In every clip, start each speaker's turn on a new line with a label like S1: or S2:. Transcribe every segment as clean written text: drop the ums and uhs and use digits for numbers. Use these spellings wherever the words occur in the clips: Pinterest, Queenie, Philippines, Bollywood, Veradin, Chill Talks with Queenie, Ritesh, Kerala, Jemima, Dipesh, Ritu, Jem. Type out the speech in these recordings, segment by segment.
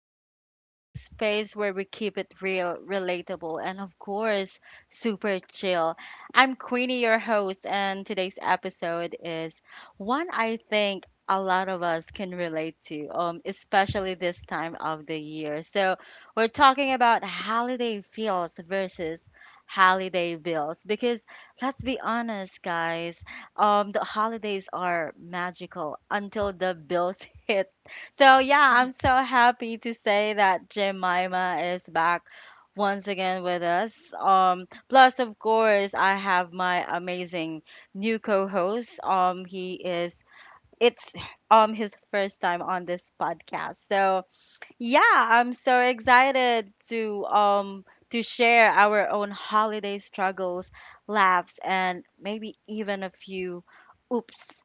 S1: Queenie, the space where we keep it real, relatable, and of course, super chill. I'm Queenie, your host, and today's episode is one I think a lot of us can relate to, especially this time of the year. So, we're talking about holiday feels versus holiday bills because let's be honest, guys, the holidays are magical until the bills hit. So yeah, I'm
S2: Mhm.
S1: so happy to say that Jemima is back once again with us. Plus of course I have my amazing new co-host. He is it's his first time on this podcast. So yeah, I'm so excited to share our own holiday struggles, laughs, and maybe even a few oops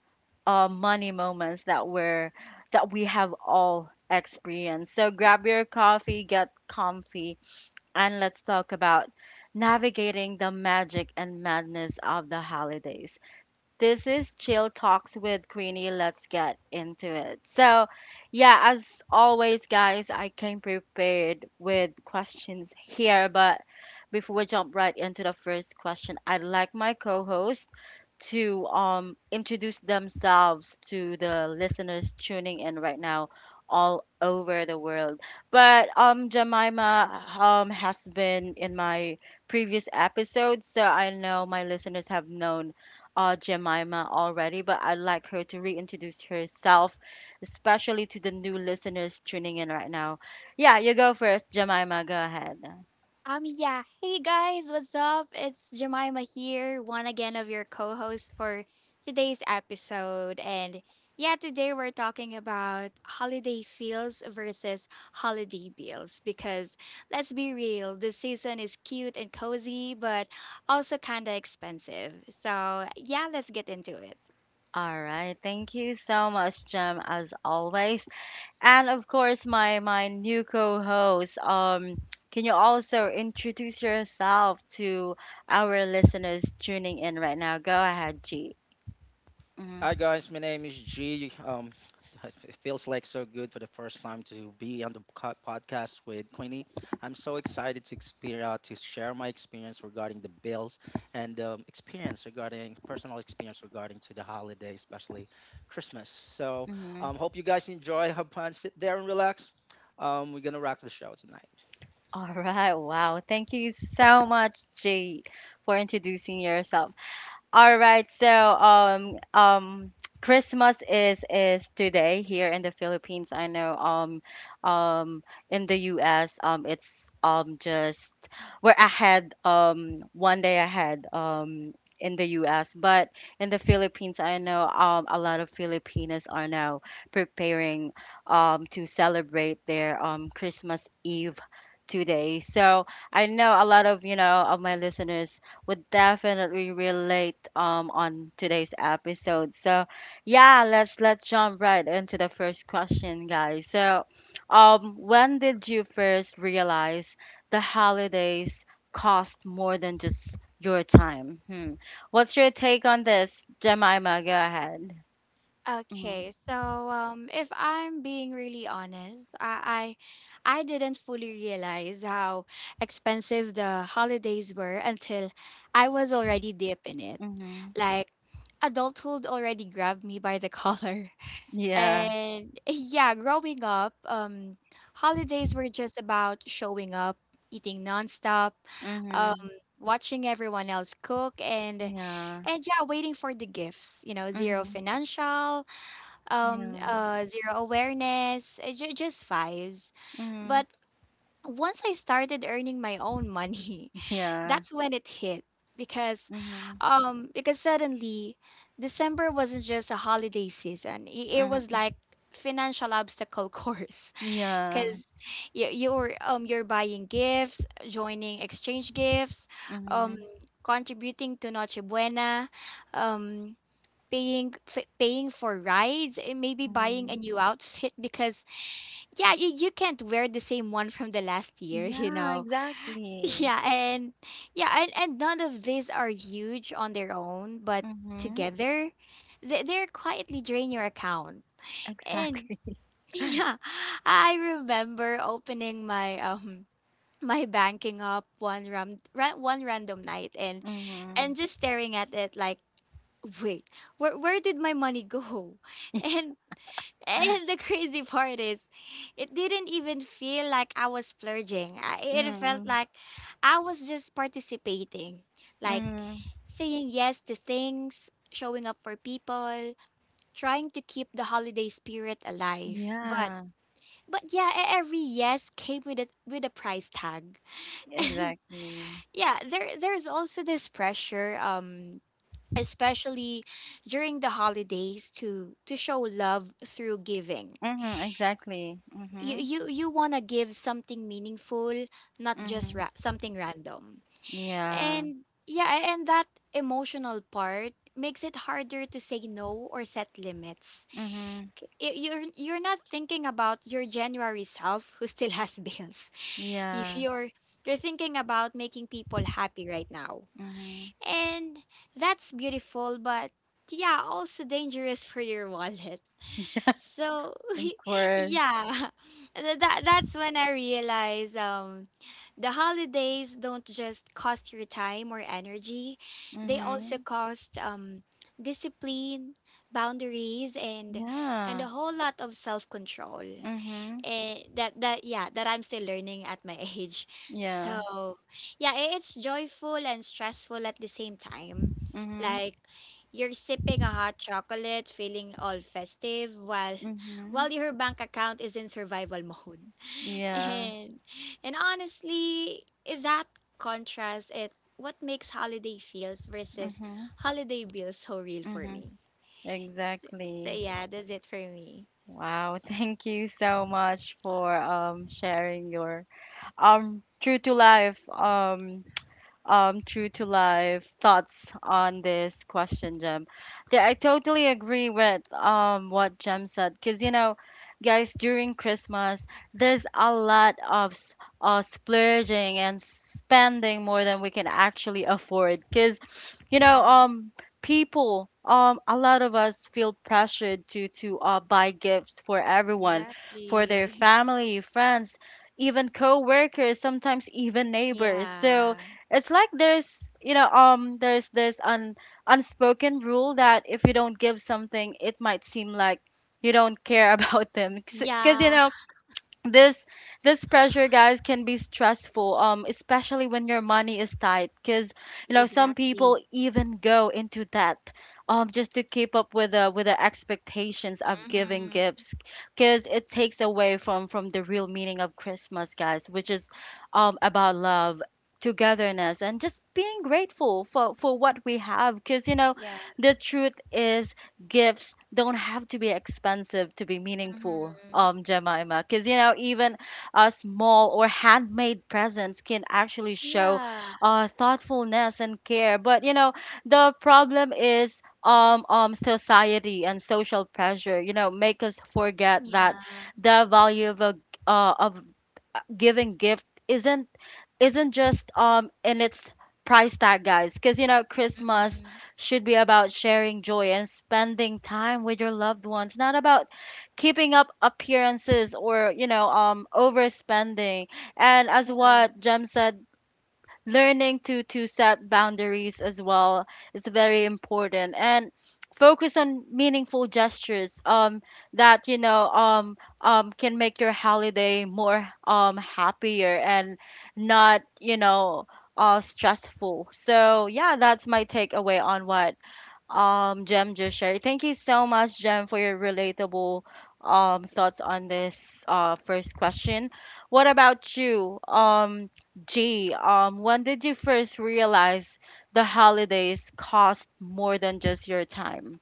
S1: money moments that were that we have all experienced. So grab your coffee, get comfy, and let's talk about navigating the magic and madness of the holidays. This is Chill Talks with Queenie. Let's get into it. So, yeah, as always, guys, I came prepared with questions here. But before we jump right into the first question, I'd like my co host to introduce themselves to the listeners tuning in right now all over the world. But Jemima has been in my previous episode, so I know my listeners have known Jemima already, but I'd like her to reintroduce herself, especially to the new listeners tuning in right now. Yeah, you go first, Jemima. Go ahead.
S2: Yeah. Hey guys, what's up? It's Jemima here, one again of your co hosts for today's episode. And yeah, today we're talking about holiday feels versus holiday bills because let's be real, the season is cute and cozy, but also kind of expensive. So yeah, let's get into it.
S1: All right. Thank you so much, Jem, as always. And of course, my new co-host. Can you also introduce yourself to our listeners tuning in right now? Go ahead, G. Mhm,
S3: Hi guys, my name is G. It feels like so good for the first time to be on the podcast with Queenie. I'm so excited to experience to share my experience regarding the bills and experience regarding personal experience regarding to the holiday, especially Christmas. So,
S1: mhm.
S3: um, hope you guys enjoy. Have fun, sit there and relax. We're gonna rock the show tonight.
S1: All right. Wow. Thank you so much, G, for introducing yourself. All right, so Christmas is today here in the Philippines. I know um in the US it's just we're ahead 1 day ahead in the US, but in the Philippines I know a lot of Filipinos are now preparing to celebrate their Christmas Eve today. So I know a lot of of my listeners would definitely relate on today's episode. So yeah, let's jump right into the first question, guys. So when did you first realize the holidays cost more than just your time? Hmm. What's your take on this, Jemima? Go ahead. Mm-hmm.
S2: Okay, so if I'm being really honest, I didn't fully realize how expensive the holidays were until I was already deep in it.
S1: Mm-hmm.
S2: Like adulthood already grabbed me by the collar.
S1: Yeah.
S2: And yeah, growing up, holidays were just about showing up, eating nonstop, um,
S1: Mm-hmm.
S2: watching everyone else cook, and
S1: Yeah.
S2: yeah, waiting for the gifts. You know, zero
S1: Mm-hmm.
S2: financial
S1: Yeah.
S2: zero awareness, just vibes.
S1: Mm-hmm.
S2: But once I started earning my own money,
S1: Yeah.
S2: that's when it hit, because
S1: Mm-hmm.
S2: because suddenly December wasn't just a holiday season, it was
S1: Mm-hmm.
S2: like financial obstacle course,
S1: Yeah.
S2: because you're buying gifts, joining exchange gifts, um
S1: Mm-hmm.
S2: contributing to noche buena, um paying for rides, and maybe buying
S1: Mm-hmm.
S2: a new outfit because yeah, you can't wear the same one from the last year,
S1: Yeah, exactly.
S2: yeah and and none of these are huge on their own, but
S1: Mhm.
S2: together they're quietly drain your account. And
S1: Exactly.
S2: yeah, I remember opening my banking up one random night and
S1: Mhm.
S2: just staring at it like, wait, where did my money go? and and the crazy part is, it didn't even feel like I was splurging. It felt
S1: Mhm.
S2: like I was just participating, like
S1: Mhm.
S2: saying yes to things, showing up for people, trying to keep the holiday spirit alive. But
S1: Yeah,
S2: but yeah, every yes came with a price tag. And
S1: exactly.
S2: yeah, there's also this pressure, especially during the holidays, to show love through giving.
S1: Mhm, exactly.
S2: you
S1: Mhm.
S2: you you want to give something meaningful, not just
S1: Mhm.
S2: ra- something random.
S1: Yeah.
S2: And yeah, and that emotional part makes it harder to say no or set limits.
S1: Mhm.
S2: You're not thinking about your January self who still has bills. If
S1: Yeah.
S2: you're thinking about making people happy right now,
S1: Mhm.
S2: and that's beautiful, but yeah, also dangerous for your wallet. So
S1: Of course.
S2: yeah, that's when I realized the holidays don't just cost your time or energy, they also
S1: Mhm.
S2: cost discipline, boundaries, and
S1: Yeah.
S2: a whole lot of self-control,
S1: Mhm.
S2: that I'm still learning at my age.
S1: Yeah.
S2: So yeah, it's joyful and stressful at the same time.
S1: Mhm.
S2: Like you're sipping a hot chocolate, feeling all festive while
S1: Mhm.
S2: while your bank account is in survival mode.
S1: Yeah.
S2: And and honestly, that contrast it what makes holiday feels versus
S1: Mhm.
S2: holiday bills so real for
S1: Mhm.
S2: me. So
S1: Exactly.
S2: yeah, that's it for me.
S1: Wow. Thank you so much for sharing your um true to life um true to life thoughts on this question, Jem. Yeah, I totally agree with what Jem said because, you know, guys, during Christmas, there's a lot of splurging and spending more than we can actually afford because, you know,
S2: Yeah,
S1: people. A lot of us feel pressured to to buy gifts for everyone, for their
S2: exactly.
S1: family, friends, even co-workers, sometimes even neighbors. So,
S2: Yeah.
S1: it's like there's, you know, there's this un unspoken rule that if you don't give something, it might seem like you don't care about them. Because, you
S2: Yeah,
S1: know, this this pressure guys can be stressful especially when your money is tight because you know some
S2: exactly.
S1: people even go into debt just to keep up with the expectations of giving
S2: Mm-hmm.
S1: gifts because it takes away from the real meaning of christmas guys which is about love, togetherness, and just being grateful for what we have because you know
S2: Yeah.
S1: the truth is gifts don't have to be expensive to be meaningful,
S2: Mm-hmm.
S1: Jemima. Because, you know, even a small or handmade presents can actually show
S2: Yeah.
S1: thoughtfulness and care. But, you know, the problem is society and social pressure, you know, make us forget
S2: Yeah.
S1: that the value of uh, of giving gift isn't just in its price tag, guys. Because you know, Christmas
S2: Mm-hmm.
S1: should be about sharing joy and spending time with your loved ones, not about keeping up appearances or you know overspending. And as
S2: Yeah.
S1: what Jem said, learning to set boundaries as well is very important and focus on meaningful gestures that you know can make your holiday more happier and not you know stressful. So yeah, that's my takeaway on what Jem just shared. Thank you so much, Jem, for your relatable thoughts on this first question. What about you, G? When did you first realize the holidays cost more than just your time?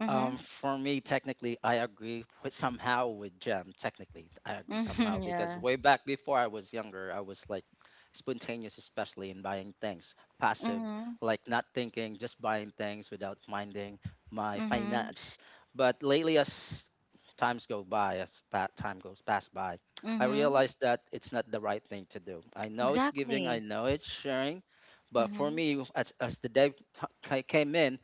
S1: Mhm.
S3: For me, technically, I agree with somehow with Jam. Technically, I agree somehow
S1: Mhm.
S3: because
S1: Yeah.
S3: way back before I was younger, I was like spontaneous, especially in buying things, passive,
S1: Mhm.
S3: like not thinking, just buying things without minding my
S1: Mhm.
S3: finance. But lately, as times go by, as time goes past by, I
S1: Mhm.
S3: realized that it's not the right thing to do. I know it's giving, I
S1: Exactly.
S3: know it's sharing, but for
S1: Mhm.
S3: me, as the day came in,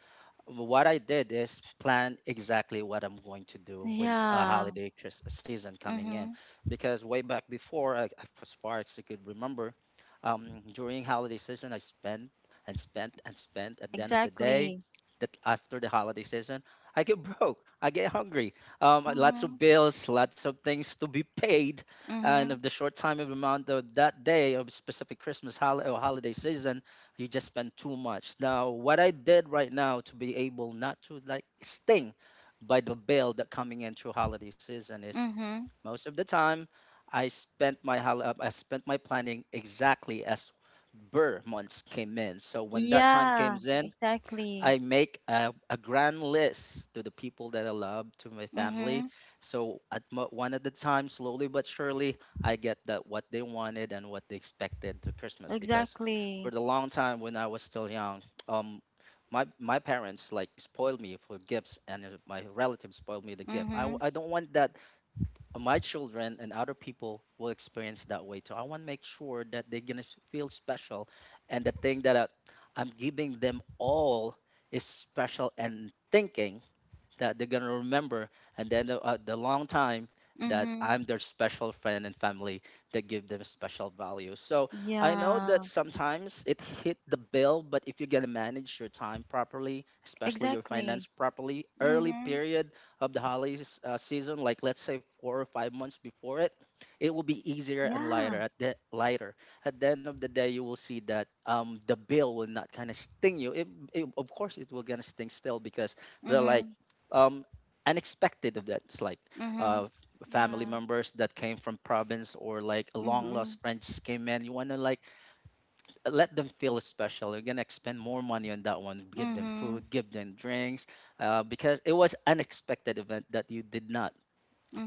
S3: what I did is plan exactly what I'm going to do when a
S1: Yeah.
S3: holiday season coming in,
S1: Mhm.
S3: because way back before, as far as I could remember, during holiday season, I spent and spent and spent. At the end of the day,
S1: Exactly.
S3: that after the holiday season, I get broke. I get hungry. Lots of
S1: Mhm.
S3: bills, lots of things to be paid, and
S1: Mhm.
S3: of the short time of amount of that day of specific Christmas or holiday season, you just spend too much. Now, what I did right now to be able not to like sting by the bill that coming in through holiday season is
S1: Mhm.
S3: most of the time I spent my I spent my planning exactly as Burr months came in. So when that time
S1: Yeah.
S3: comes in, I
S1: Exactly.
S3: make a grand list to the people that I love, to my family.
S1: Mm-hmm.
S3: So at one at a time, slowly but surely, I get that what they wanted and what they expected to Christmas. Because for
S1: Exactly.
S3: the long time when I was still young, um, my parents like spoiled me for gifts, and my relatives spoiled me the gift.
S1: Mm-hmm.
S3: I don't want that my children and other people will experience that way too. I want to make sure that they're gonna feel special, and the thing that I'm giving them all is special and thinking that they're gonna remember, and then the long time that
S1: Mm-hmm.
S3: I'm their special friend and family that give them special value. So I know that
S1: Yeah.
S3: sometimes it hit the bill, but if you're gonna manage your time properly, especially your finance
S1: Exactly.
S3: properly, early
S1: Mm-hmm.
S3: period of the holiday season, like let's say 4 or 5 months before it, it will be easier and
S1: Yeah.
S3: lighter. At the end of the day, you will see that the bill will not kind of sting you. Of course, it will gonna sting still because they're like
S1: Mm-hmm.
S3: um, unexpected events like
S1: Mm-hmm.
S3: uh, family
S2: Yeah.
S3: members that came from province or like a long
S1: Mm-hmm.
S3: lost friend just came in. You want to like let them feel special, you're gonna expend more money on that one, give them
S1: Mm-hmm.
S3: food, give them drinks, because it was unexpected event that you did not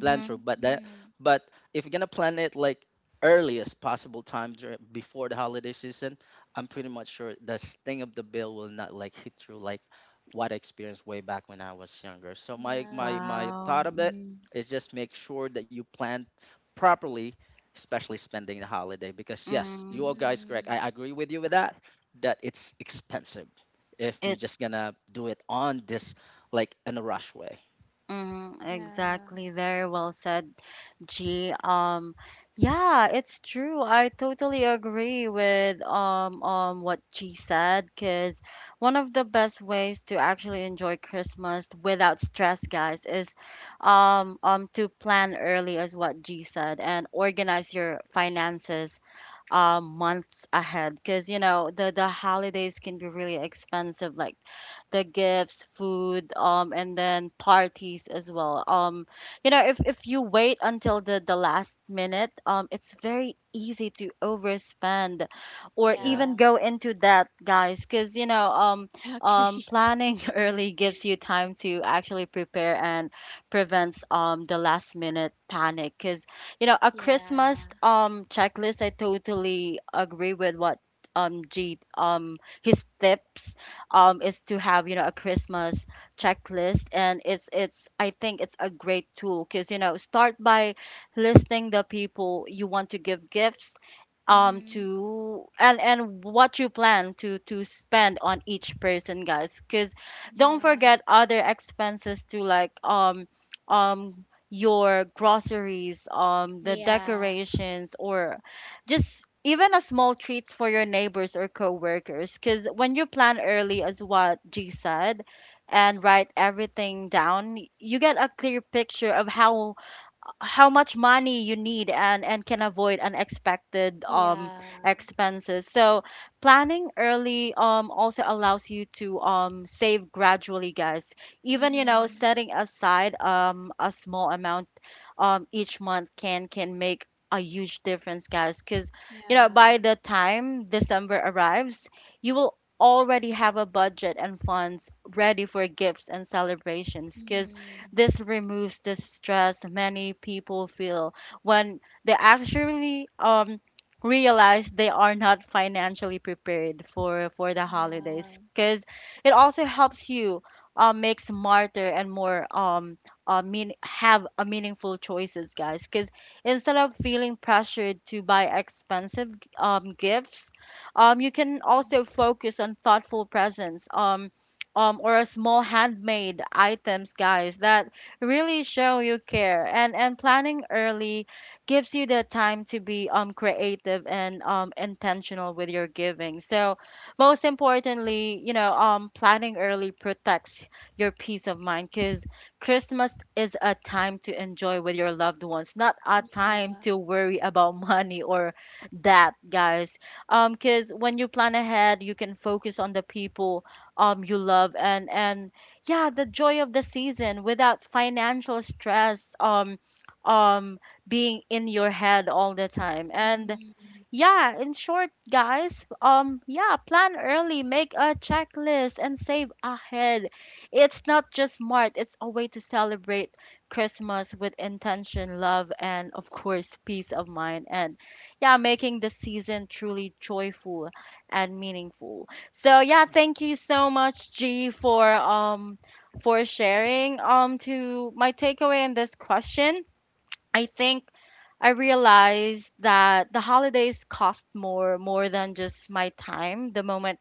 S3: plan through, but that
S2: Mm-hmm.
S3: but if you're gonna plan it like earliest possible time before the holiday season, I'm pretty much sure the sting of the bill will not like hit through like what I experienced way back when I was younger. So my
S2: Yeah.
S3: thought
S1: Wow.
S3: of it
S1: Mm-hmm.
S3: is just make sure that you plan properly, especially spending the holiday, because yes, you all
S1: Mm-hmm.
S3: guys correct,
S2: Mm-hmm.
S3: I agree with you with that that it's expensive if you're
S1: It
S3: just gonna do it on this like in a rush way.
S1: Mm,
S2: Yeah.
S1: exactly. Very well said, G. Yeah, it's true. I totally agree with what G said. Cause one of the best ways to actually enjoy Christmas without stress, guys, is to plan early, as what G said, and organize your finances months ahead. Cause you know the holidays can be really expensive, like the gifts, food, and then parties as well. You know, if you wait until the last minute, it's very easy to overspend or
S3: Yeah.
S1: even
S2: Yeah.
S1: go into debt, guys, because you know,
S2: Exactly.
S1: planning early gives you time to actually prepare and prevents the last minute panic. Because you know, a Christmas
S2: Yeah.
S1: checklist, I totally agree with what G his tips is to have you know a Christmas checklist, and it's I think it's a great tool because you know start by listing the people you want to give gifts
S2: Mm-hmm.
S1: to and what you plan to spend on each person guys because don't
S2: Yeah.
S1: forget other expenses to like your groceries, the
S2: Yeah.
S1: decorations or just even a small treats for your neighbors or coworkers because when you plan early as what g said and write everything down you get a clear picture of how much money you need and can avoid unexpected
S2: Yeah.
S1: expenses. So planning early also allows you to save gradually, guys. Even you know
S2: Mm-hmm.
S1: setting aside a small amount each month can make a huge difference, guys, because you know by
S2: Yeah.
S1: the time December arrives you will already have a budget and funds ready for gifts and celebrations because
S2: Mm-hmm.
S1: this removes the stress many people feel when they actually realize they are not financially prepared for the
S2: Yeah.
S1: holidays because it also helps you make smarter and more mean have a meaningful choices, guys. Because instead of feeling pressured to buy expensive gifts, you can
S2: Mm,
S1: also focus on thoughtful presents. Or a small handmade items, guys, that really show you care. And planning early gives you the time to be creative and intentional with your giving. So most importantly, you know, planning early protects your peace of mind because Christmas is a time to enjoy with your loved ones, not a time
S2: yeah.
S1: to worry about money or that, guys. Because when you plan ahead, you can focus on the people you love and yeah, the joy of the season without financial stress um being in your head all the time. And
S2: Mm-hmm.
S1: yeah, in short, guys, yeah, plan early, make a checklist, and save ahead. It's not just smart, it's a way to celebrate Christmas with intention, love, and of course, peace of mind. And yeah, making the season truly joyful and meaningful. So yeah, thank you so much, G, for sharing to my takeaway in this question. I think I realized that the holidays cost more than just my time the moment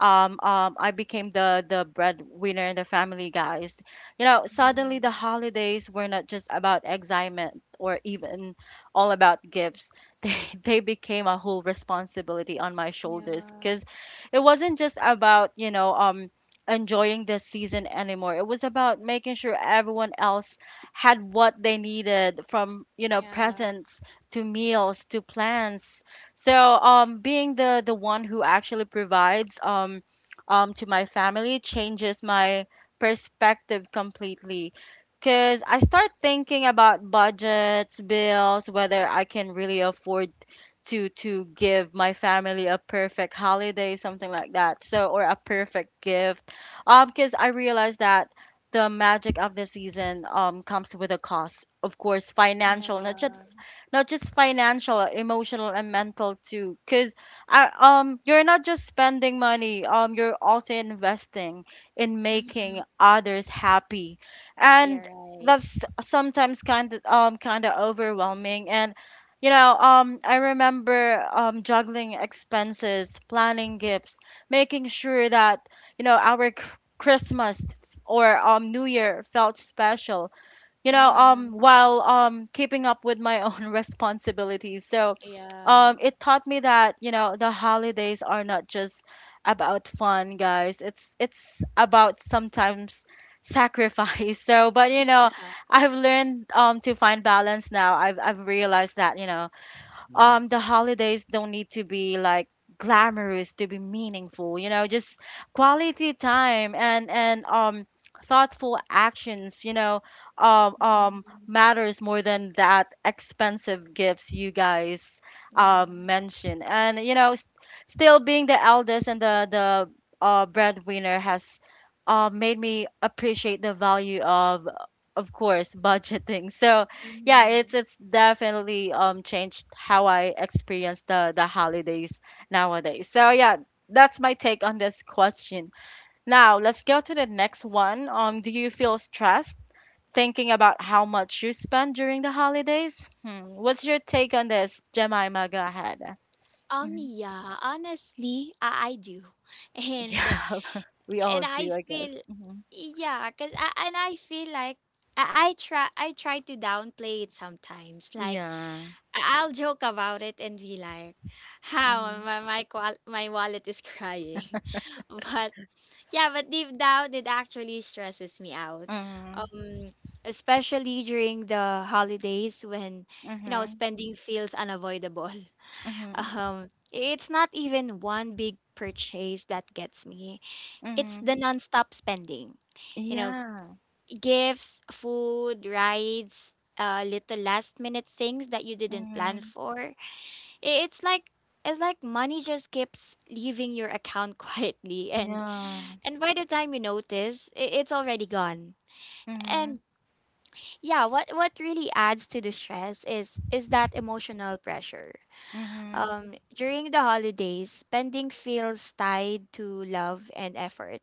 S1: I became the breadwinner in the family, guys. You know, suddenly
S2: Mm-hmm.
S1: the holidays were not just about excitement or even all about gifts. They they became a whole responsibility on my shoulders
S2: Yeah.
S1: because it wasn't just about you know enjoying the season anymore. It was about making sure everyone else had what they needed from you know
S2: Yeah.
S1: presents to meals to plans so, being the one who actually provides to my family changes my perspective completely. Because I start thinking about budgets, bills, whether I can really afford to give my family a perfect holiday something like that so or a perfect gift because I realized that the magic of the season comes with a cost, of course financial, not just
S2: Yeah.
S1: not just financial, emotional and mental too. Because you're not just spending money, you're also investing in making
S2: Mhm.
S1: others happy,
S2: Yeah,
S1: and
S2: right.
S1: that's sometimes kind of overwhelming. And I remember juggling expenses, planning gifts, making sure that you know our c- Christmas or New Year felt special.
S2: Mhm.
S1: While keeping up with my own responsibilities. So
S2: Yeah.
S1: it taught me that the holidays are not just about fun, guys. It's about sometimes sacrifice. So, but you know,
S2: Yeah.
S1: I've learned to find balance now. I've realized that,
S3: All right.
S1: the holidays don't need to be like glamorous to be meaningful, you know, just quality time and thoughtful actions, you know,
S2: Mhm.
S1: matters more than that expensive gifts you guys
S2: Yeah.
S1: mentioned. And you know, still being the eldest and the breadwinner has made me appreciate the value of course, budgeting. So yeah, it's
S2: Mhm.
S1: it's definitely changed how I experience the holidays nowadays. So yeah, that's my take on this question. Now, let's go to the next one. Do you feel stressed thinking about how much you spend during the holidays? Hmm. What's your take on this, Jemima? Go ahead.
S2: Um,
S1: Hmm.
S2: yeah, honestly, I do. And uh,
S1: Yeah, we
S2: and
S1: all
S2: I
S1: do, I guess.
S2: feel,
S1: Hmm.
S2: yeah, cause and I feel like I try to downplay it sometimes. Like
S1: Yeah.
S2: I'll joke about it and be like, "How
S1: Hmm.
S2: my wallet is crying." but yeah, but deep down it actually stresses me out.
S1: Hmm.
S2: Um, Especially during the holidays when
S1: Hmm.
S2: spending feels unavoidable.
S1: Hmm.
S2: It's not even one big purchase that gets me, it's the
S1: Hmm.
S2: nonstop spending. You know,
S1: Yeah.
S2: gifts, food, rides, little last minute things that you didn't plan
S1: Hmm.
S2: for. I- It's like it's like money just keeps leaving your account quietly, and
S1: Yeah.
S2: and by the time you notice, it's already gone.
S1: Mhm.
S2: And yeah, what really adds to the stress is that emotional pressure.
S1: Mhm.
S2: During the holidays, spending feels tied to love and effort.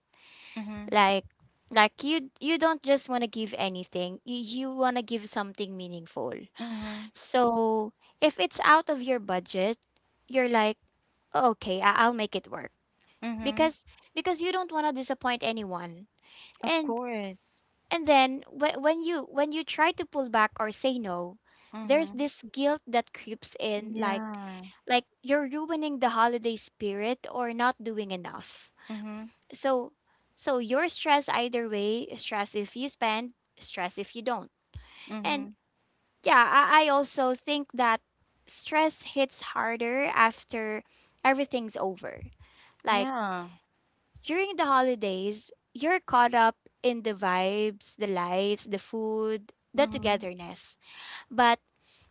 S1: Mhm.
S2: Like like you don't just want to give anything. You want to give something meaningful.
S1: Mhm.
S2: So, if it's out of your budget, you're like, "Oh, okay, I'll make it work."
S1: Mhm.
S2: Because because you don't want to disappoint anyone.
S1: Of
S2: And
S1: course.
S2: and then when you try to pull back or say no, there's
S1: Mhm.
S2: this guilt that creeps in, like
S1: Yeah.
S2: like you're ruining the holiday spirit or not doing enough.
S1: Mhm.
S2: So, so, you're stressed either way. Stress if you spend, stress if you don't. And
S1: Mhm.
S2: yeah, I also think that stress hits harder after everything's over. Like
S1: Yeah.
S2: during the holidays, you're caught up in the vibes, the lights, the food, the
S1: Mhm.
S2: togetherness. But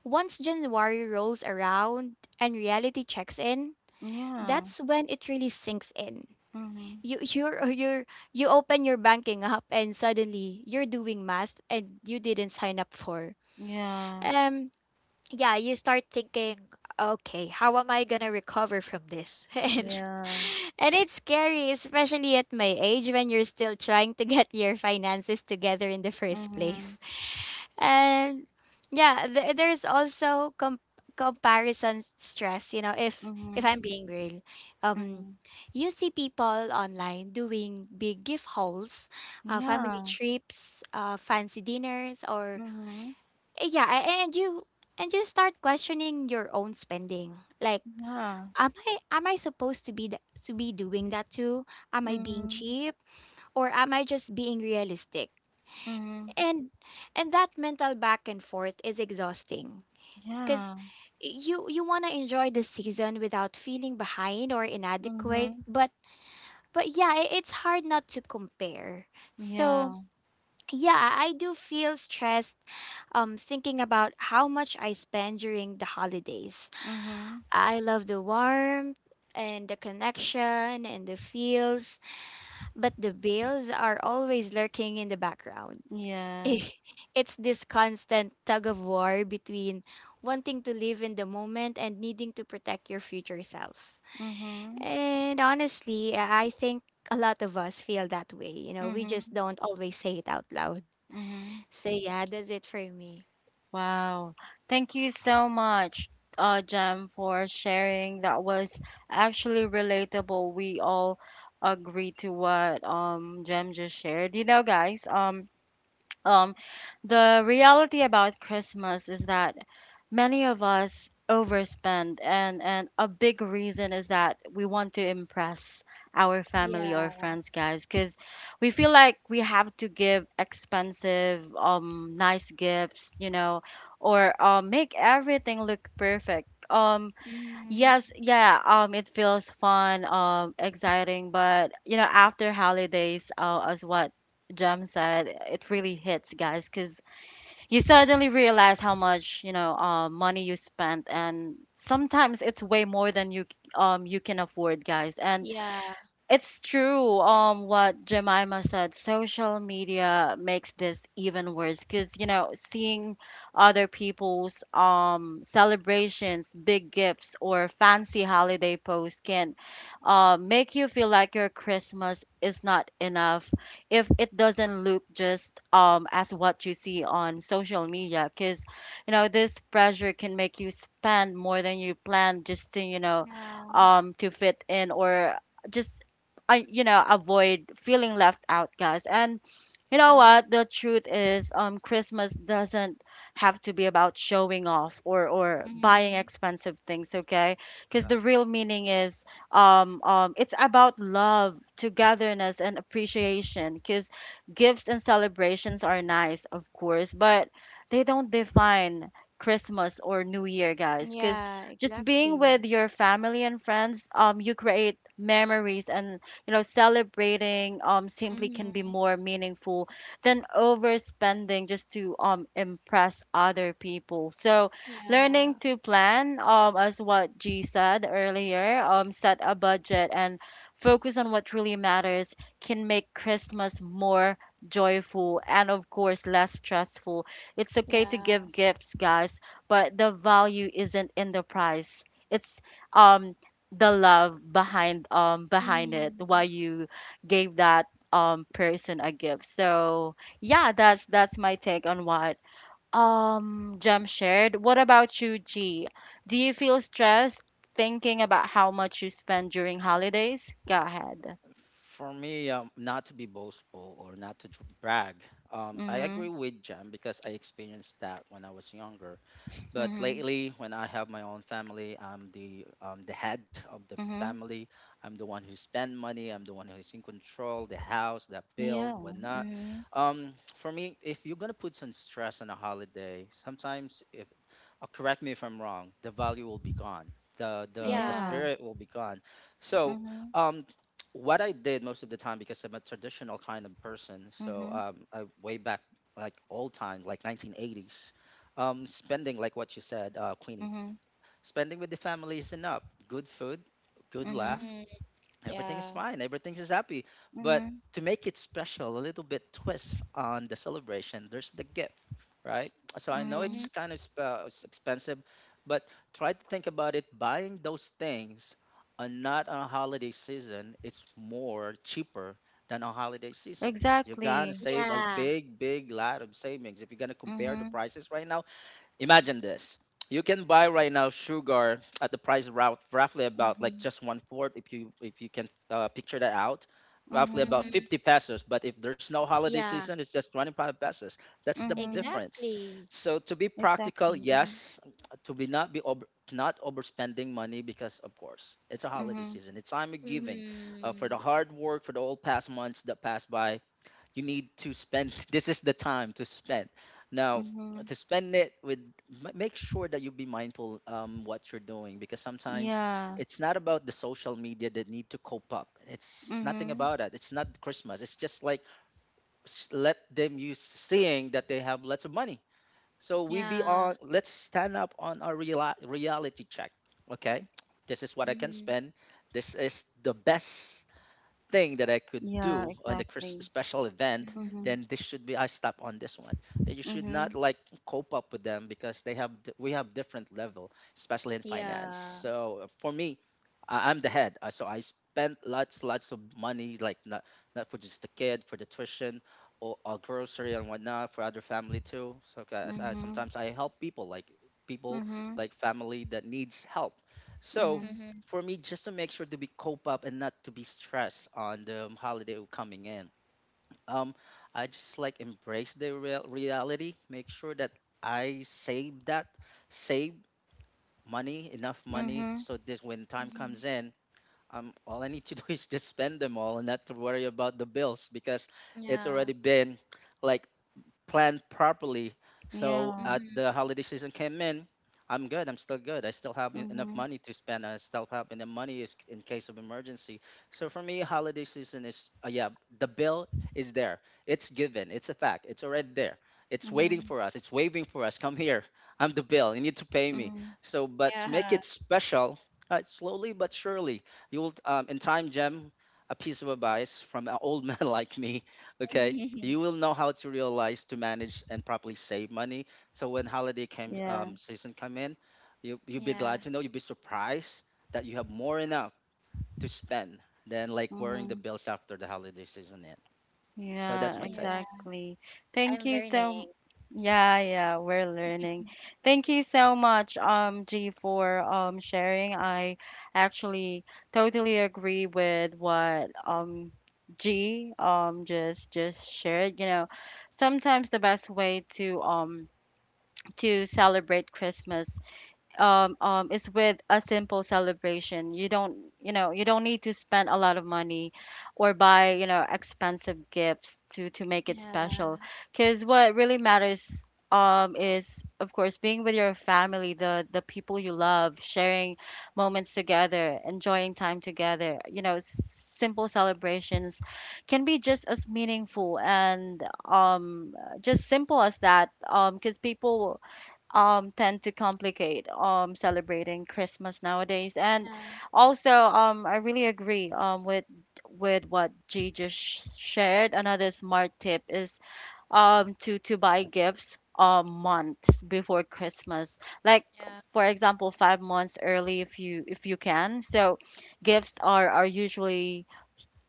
S2: once January rolls around and reality checks in,
S1: Yeah.
S2: that's when it really sinks in.
S1: Mhm.
S2: You're, you open your banking app, and suddenly you're doing math and you didn't sign up for.
S1: Yeah.
S2: Um yeah, you start thinking, okay, how am I gonna recover from this? and
S1: Yeah.
S2: and it's scary, especially at my age when you're still trying to get your finances together in the first place.
S1: Mhm.
S2: And yeah, there's also comparison stress, you know, if
S1: Mhm.
S2: I'm being real. Um
S1: Mhm.
S2: you see people online doing big gift hauls, family
S1: Yeah.
S2: trips, fancy dinners, or
S1: Mhm.
S2: yeah, and you start questioning your own spending. Like,
S1: Yeah.
S2: am I supposed to be to be doing that too? Am I being
S1: Mhm.
S2: cheap, or am I just being realistic?
S1: Mhm.
S2: And and that mental back and forth is exhausting because
S1: Yeah.
S2: you want to enjoy the season without feeling behind or inadequate,
S1: Mhm.
S2: but yeah, it's hard not to compare. So,
S1: Yeah.
S2: yeah, I do feel stressed thinking about how much I spend during the holidays.
S1: Mhm.
S2: I love the warmth and the connection and the feels, but the bills are always lurking in the background.
S1: Yeah.
S2: It's this constant tug of war between wanting to live in the moment and needing to protect your future self.
S1: Mhm.
S2: And honestly, I think a lot of us feel that way. We
S1: Mhm.
S2: just
S1: Mhm.
S2: don't always say it out loud.
S1: Mhm.
S2: So yeah, that's it for me.
S1: Wow. Thank you so much, Jem, for sharing. That was actually relatable. We all agree to what Jem just shared. You know, guys, um the reality about Christmas is that many of us overspend, and a big reason is that we want to impress our family or
S2: Yeah.
S1: friends, guys, because we feel like we have to give expensive nice gifts, you know, or make everything look perfect.
S2: Mm-hmm.
S1: Yes yeah it feels fun, exciting, but you know after holidays, as what Jem said, it really hits, guys, because you suddenly realize how much, you know, money you spent, and sometimes it's way more than you can afford, guys. And
S2: Yeah.
S1: it's true, what Jemima said. Social media makes this even worse because, you know, seeing other people's celebrations, big gifts, or fancy holiday posts can, make you feel like your Christmas is not enough if it doesn't look just as what you see on social media. Because, you know, this pressure can make you spend more than you planned just to, you know,
S2: Yeah.
S1: to fit in, or just, I, you know, avoid feeling left out, guys. And you know
S2: Yeah.
S1: what? The truth is, Christmas doesn't have to be about showing off or buying
S2: Mm-hmm.
S1: expensive things, okay? Because
S3: Yeah,
S1: the real meaning is, it's about love, togetherness, and appreciation. Because gifts and celebrations are nice, of course, but they don't define Christmas or New Year, guys. Because
S2: Yeah,
S1: just being with
S2: exactly.
S1: your family and friends, you create memories, and you know, celebrating simply can be
S2: Mm-hmm.
S1: more meaningful than overspending just to impress other people. So learning
S2: Yeah.
S1: to plan, as what G said earlier, set a budget and focus on what really matters can make Christmas more joyful and, of course, less stressful. It's okay to
S2: Yeah.
S1: give gifts, guys, but the value isn't in the price. It's um the love behind behind it why
S2: Mm-hmm.
S1: you gave that person a gift. So yeah, that's my take on what Jem shared. What about you, G? Do you feel stressed thinking about how much you spend during holidays? Go ahead.
S3: for me, not to be boastful or not to brag, I
S1: Mm-hmm.
S3: agree with Jem because I experienced that when I was younger. But
S1: Mm-hmm.
S3: lately, when I have my own family, I'm the head of the
S1: Mm-hmm.
S3: family. I'm the one who spend money. I'm the one who's in control, the house, the bill,
S1: Yeah.
S3: whatnot.
S1: Mm-hmm.
S3: For me, if you're gonna put some stress on a holiday, sometimes if correct me if I'm wrong, the value will be gone. The the
S1: Yeah.
S2: Yeah.
S3: spirit will be gone. So
S1: Mm-hmm.
S3: um, what I did most of the time because I'm a traditional kind of person. So
S1: Mm-hmm.
S3: um, I, way back like old time, like 1980s. Spending, like what you said, Queenie,
S1: Mm-hmm.
S3: spending with the family is enough. Good food, good laugh,
S1: Mm-hmm.
S2: Mm-hmm.
S3: everything's
S2: Yeah.
S3: fine, everything's is happy. But
S1: Mm-hmm.
S3: to make it special, a little bit twist on the celebration, there's the gift, right? So I know
S1: Mm-hmm.
S3: it's
S2: Mm-hmm.
S3: kind of it's expensive, but try to think about it. Buying those things are not on a holiday season, it's more cheaper than on holiday season. You're gonna
S1: Exactly.
S3: save a
S2: Yeah.
S3: big, big lot of savings if you're gonna compare the
S1: Mm-hmm.
S3: prices right now. Imagine this. You can buy right now sugar at the price route roughly about like
S1: Mm-hmm.
S3: just one fourth, if you can picture that out, roughly about
S1: Mm-hmm.
S2: Mm-hmm.
S3: 50 pesos. But if there's no holiday
S2: Yeah.
S3: season, it's just 25 pesos. That's the
S1: Mhm.
S3: difference.
S2: Exactly.
S3: So to be
S1: Exactly.
S3: practical,
S1: Mhm.
S3: yes, to be not be over, not overspending money because of course it's a holiday
S1: Mhm.
S3: season. It's time of giving, for the
S2: Mm-hmm.
S3: hard work for the all past months that passed by. You need to spend. This is the time to spend now,
S1: Mhm.
S3: to spend it with make sure that you be mindful, what you're doing, because sometimes
S1: Yeah.
S3: it's not about the social media that need to cope up. It's nothing
S1: Mhm.
S3: about that. It's not Christmas. It's just like let them use seeing that they have lots of money. So we be
S2: Yeah.
S3: on, let's stand up on our reality check. Okay, this is what I can
S2: Mm-hmm.
S3: spend. This is the best thing that I could
S1: Yeah.
S3: do on the Chris
S1: Exactly.
S3: special event,
S2: Mm-hmm.
S1: Mhm.
S3: then this should be I stop on this one. And you should not
S1: Mhm.
S3: like cope up with them because they have we have different level, especially in finance.
S2: Yeah.
S3: So for me, I'm the head, so I spent lots of money, like not for just the kid, for the tuition or grocery and whatnot for other family too. So 'cause I,
S1: Mhm.
S3: sometimes I help people
S1: Mhm.
S3: like family that needs help. So
S1: Mhm.
S2: Mm-hmm.
S3: for me just to make sure to be cope up and not to be stressed on the holiday coming in, um I just like embrace the real reality. Make sure that I save money, enough money,
S1: Mhm.
S3: so this when time
S2: Mm-hmm.
S3: comes in, all I need to do is just spend them all and not to worry about the bills because it's
S2: Yeah.
S3: already been like planned properly. So
S1: Yeah.
S3: at the
S2: Mm-hmm.
S3: holiday season came in, I'm good. I'm still good. I still have enough
S1: Mhm.
S3: money to spend. I still have enough money in case of emergency. So for me, holiday season is yeah, the bill is there. It's given. It's a fact. It's already there. It's waiting
S1: Mhm.
S3: for us. It's waving for us. Come here. I'm the bill. You need to pay me.
S1: Mhm.
S3: So, but to make
S2: Yeah.
S3: it special, slowly but surely, you'll in time, Gem, a piece of advice from an old man like me. Okay, you will know how to realize to manage and properly save money. So when holiday came
S1: Yeah.
S3: season come in, you'll be glad
S2: Yeah.
S3: to know, you'll be surprised that you have more enough to spend than like worrying the
S1: Mhm.
S3: bills after the holiday season end. So that's my
S1: Yeah,
S3: take.
S2: Yeah.
S1: exactly. Thank
S2: I'm
S1: you so
S2: learning.
S1: yeah, yeah, we're learning. Thank you so much, G, for sharing. I actually totally agree with what G just shared. You know, sometimes the best way to celebrate Christmas, is with a simple celebration. You don't, you know, you don't need to spend a lot of money or buy, you know, expensive gifts to make it
S2: Yeah.
S1: special. Because what really matters is, of course, being with your family, the people you love, sharing moments together, enjoying time together. You know, simple celebrations can be just as meaningful and just simple as that, because people tend to complicate celebrating Christmas nowadays. And
S2: Yeah,
S1: also, I really agree with what G just shared. Another smart tip is to buy gifts months before Christmas. Like
S2: yeah.
S1: for example, 5 months early if you can. So gifts are usually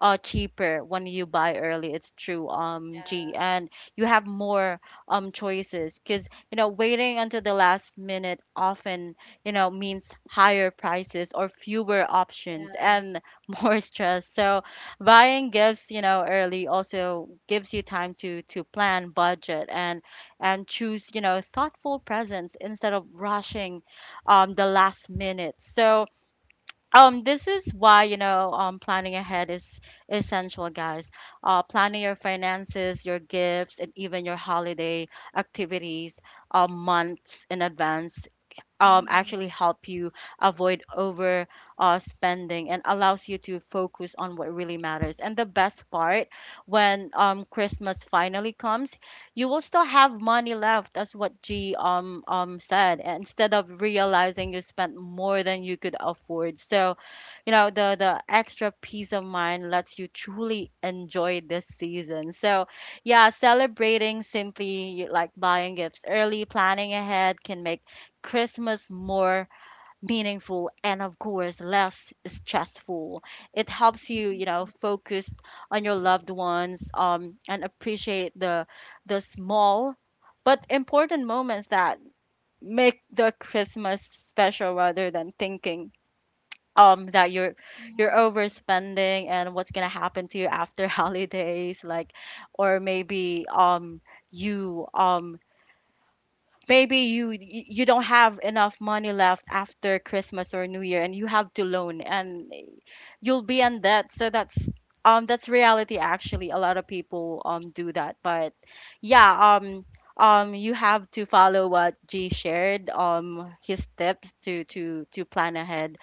S1: cheaper when you buy early. It's true, um, G.
S2: Yeah.
S1: And you have more choices, because you know waiting until the last minute often, you know, means higher prices or fewer options,
S2: Yeah.
S1: and more stress. So buying gifts, you know, early also gives you time to plan, budget, and choose, you know, thoughtful presents instead of rushing the last minute. So this is why, you know, planning ahead is essential, guys. Planning your finances, your gifts, and even your holiday activities, months in advance,
S2: Mhm.
S1: actually help you avoid over, spending, and allows you to focus on what really matters. And the best part, when, Christmas finally comes, you will still have money left. That's what G, said. Instead of realizing you spent more than you could afford. So, you know, the extra peace of mind lets you truly enjoy this season. So, yeah, celebrating simply, like buying gifts early, planning ahead, can make Christmas more meaningful, and of course, less stressful. It helps you, you
S2: Mhm.
S1: know, focus on your loved ones, and appreciate the small but important moments that make the Christmas special, rather than thinking that you're,
S2: Mhm.
S1: overspending and what's gonna happen to you after holidays. Like, or maybe you Maybe you y- you don't have enough money left after Christmas or New Year, and you have to loan, and you'll be in debt. So that's reality actually. A lot of people do that. But yeah, you have to follow what G shared, his tips, to to plan ahead,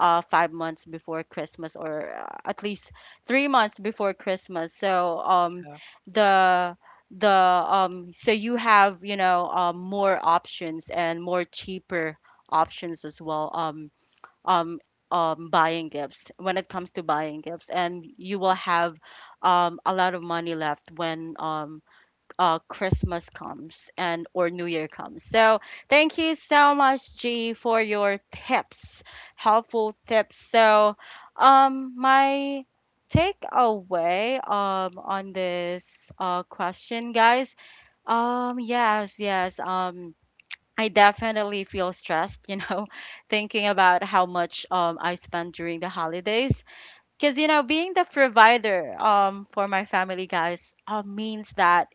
S1: 5 months before Christmas, or at least 3 months before Christmas. So
S3: Yeah,
S1: the the so you have, you know, more options and more cheaper options as well. Um, buying gifts, when it comes to buying gifts, and you will have, a lot of money left when, Christmas comes and or New Year comes. So thank you so much, G, for your tips, helpful tips. So, my takeaway on this, uh, question, guys. Yes. I definitely feel stressed, you know, thinking about how much I spend during the holidays. Because you know, being the provider for my family, guys, means that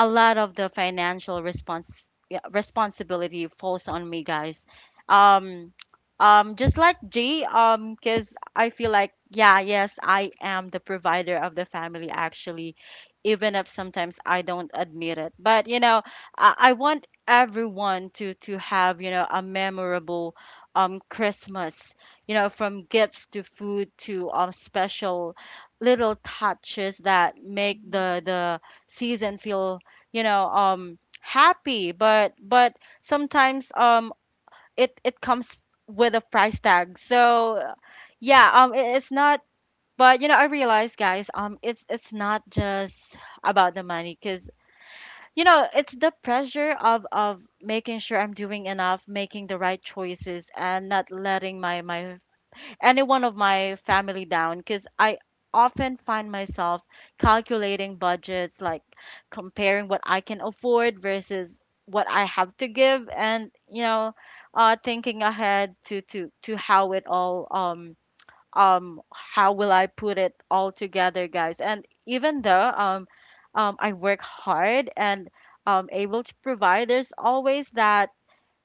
S1: a lot of the financial response, yeah, responsibility falls on me, guys. Um, just like G, because I feel like, yeah, yes, I am the provider of the family, actually, even if sometimes I don't admit it. But you know, I want everyone to have, you know, a memorable Christmas. You know, from gifts to food to special little touches that make
S2: Mhm.
S1: the season feel, you know, happy. But sometimes it it comes with a price tag. So yeah, it, it's not, but you know, I realize guys, it's not just about the money. Because you know, it's the pressure of making sure I'm doing enough, making the right choices, and not letting my my anyone of my family down. Because I often find myself calculating budgets, like comparing what I can afford versus what I have to give, and you know, thinking ahead to how it all, how will I put it all together, guys? And even though I work hard and able to provide, there's always that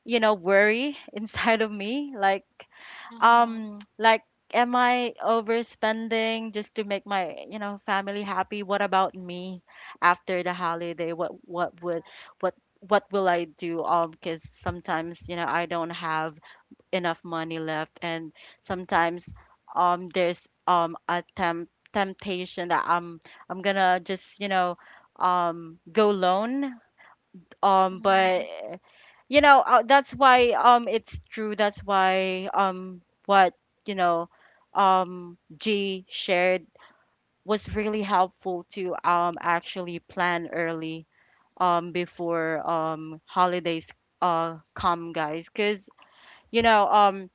S1: worry inside of me,
S2: Uh-huh.
S1: like am I overspending just to make my family happy? What about me after the holiday? What would what what will I do? Because sometimes I don't have enough money left. And sometimes there's a temptation that I'm gonna just go loan,
S2: Mhm.
S1: but that's why, it's true, that's why what you know G shared was really helpful to actually plan early before holidays come, guys, cuz you know um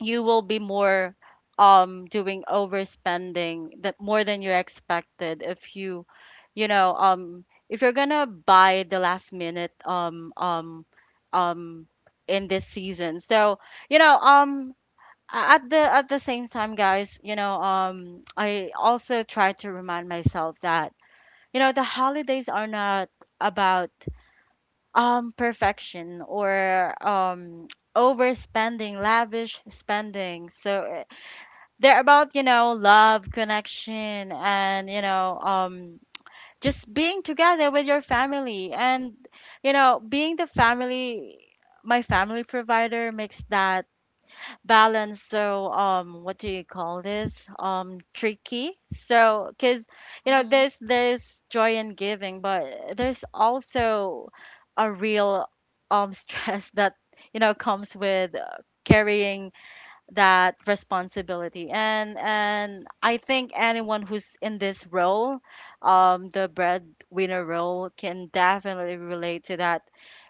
S1: you will be more doing overspending, that more than you expected, if you you know if you're gonna buy the last minute um in this season. So you know um at the same time, guys, I also try to remind myself that the holidays are not about perfection or overspending, lavish spending. So they're about, love, connection, and, just being together with your family. And, being the family, my family provider, makes that balance so, what do you call this? Tricky. So, because,
S2: Mhm.
S1: there's joy in giving, but there's also a real, stress that, comes with carrying that responsibility. And I think anyone who's in this role, the breadwinner role, can definitely relate to that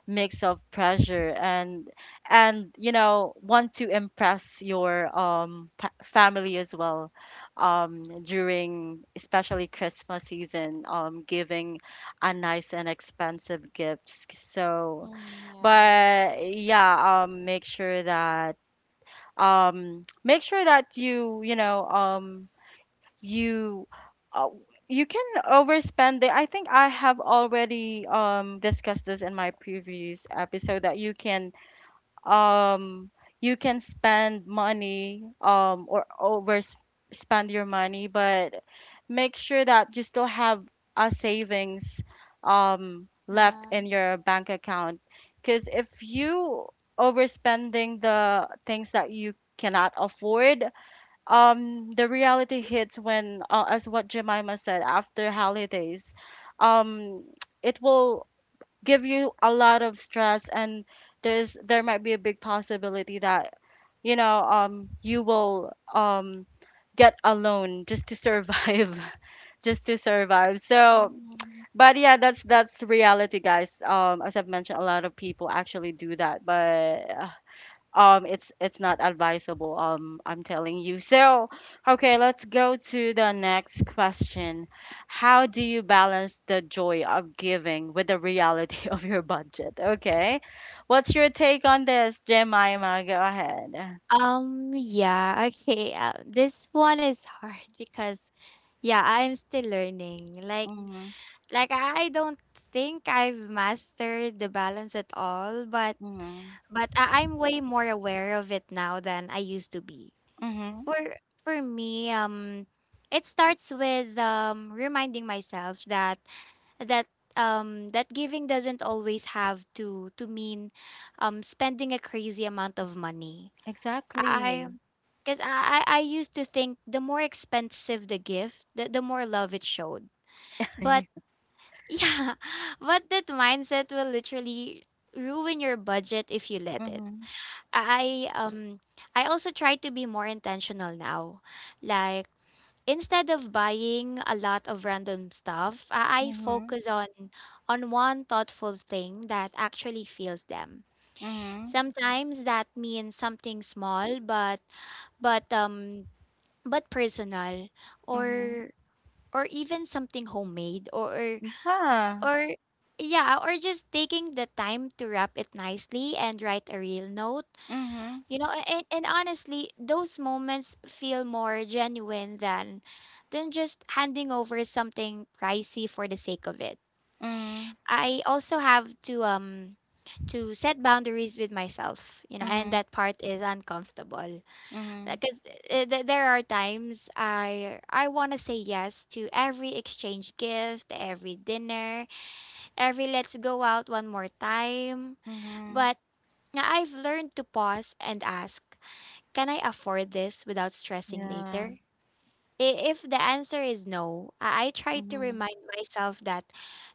S1: mix of pressure and want to impress your family as well, during especially Christmas season, giving a nice and expensive gifts. So
S2: Mm, yeah.
S1: but yeah, make sure that you uh, you can overspend. The I think I have already discussed this in my previous episode, that um you can spend money or over spend your money, but make sure that you still have a savings left
S2: Yeah.
S1: in your bank account. Because if you overspending the things that you cannot afford, the reality hits when, as what Jemima said, after holidays, um it will give you a lot of stress. And there's, there might be a big possibility that you will get alone just to survive, just to survive. So
S2: Mhm.
S1: but yeah, that's reality, guys. As I've mentioned, a lot of people actually do that, but it's not advisable, I'm telling you. So okay, let's go to the next question. How do you balance the joy of giving with the reality of your budget? Okay, what's your take on this, Jemima? Go ahead.
S2: Yeah, okay. This one is hard because, yeah, I'm still learning. Like,
S1: Mm-hmm.
S2: like I don't think I've mastered the balance at all, but
S1: Mm-hmm.
S2: but I- I'm way more aware of it now than I used to be.
S1: Mm-hmm.
S2: For for me, it starts with reminding myself that that giving doesn't always have to mean spending a crazy amount of money. I
S1: Exactly.
S2: because I used to think the more expensive the gift, the more love it showed. But yeah, but that mindset will literally ruin your budget if you let it.
S1: Mm-hmm.
S2: I um I also try to be more intentional now. Like, instead of buying a lot of random stuff, I
S1: Mm-hmm.
S2: focus on one thoughtful thing that actually feels them.
S1: Mm-hmm.
S2: Sometimes that means something small, but um but personal,
S1: Mm-hmm.
S2: or even something homemade, or
S1: Yeah.
S2: or yeah or just taking the time to wrap it nicely and write a real note
S1: Mm-hmm.
S2: you know, And honestly, those moments feel more genuine than just handing over something pricey for the sake of it. I also have to set boundaries with myself,
S1: Mm-hmm.
S2: and that part is uncomfortable
S1: Mm-hmm.
S2: because there are times I want to say yes to every exchange gift, every dinner, every let's go out one more time,
S1: Mm-hmm.
S2: but yeah, I've learned to pause and ask. Can I afford this without stressing
S1: Yeah.
S2: later? I- If the answer is no, I try to
S1: Mm-hmm.
S2: remind myself that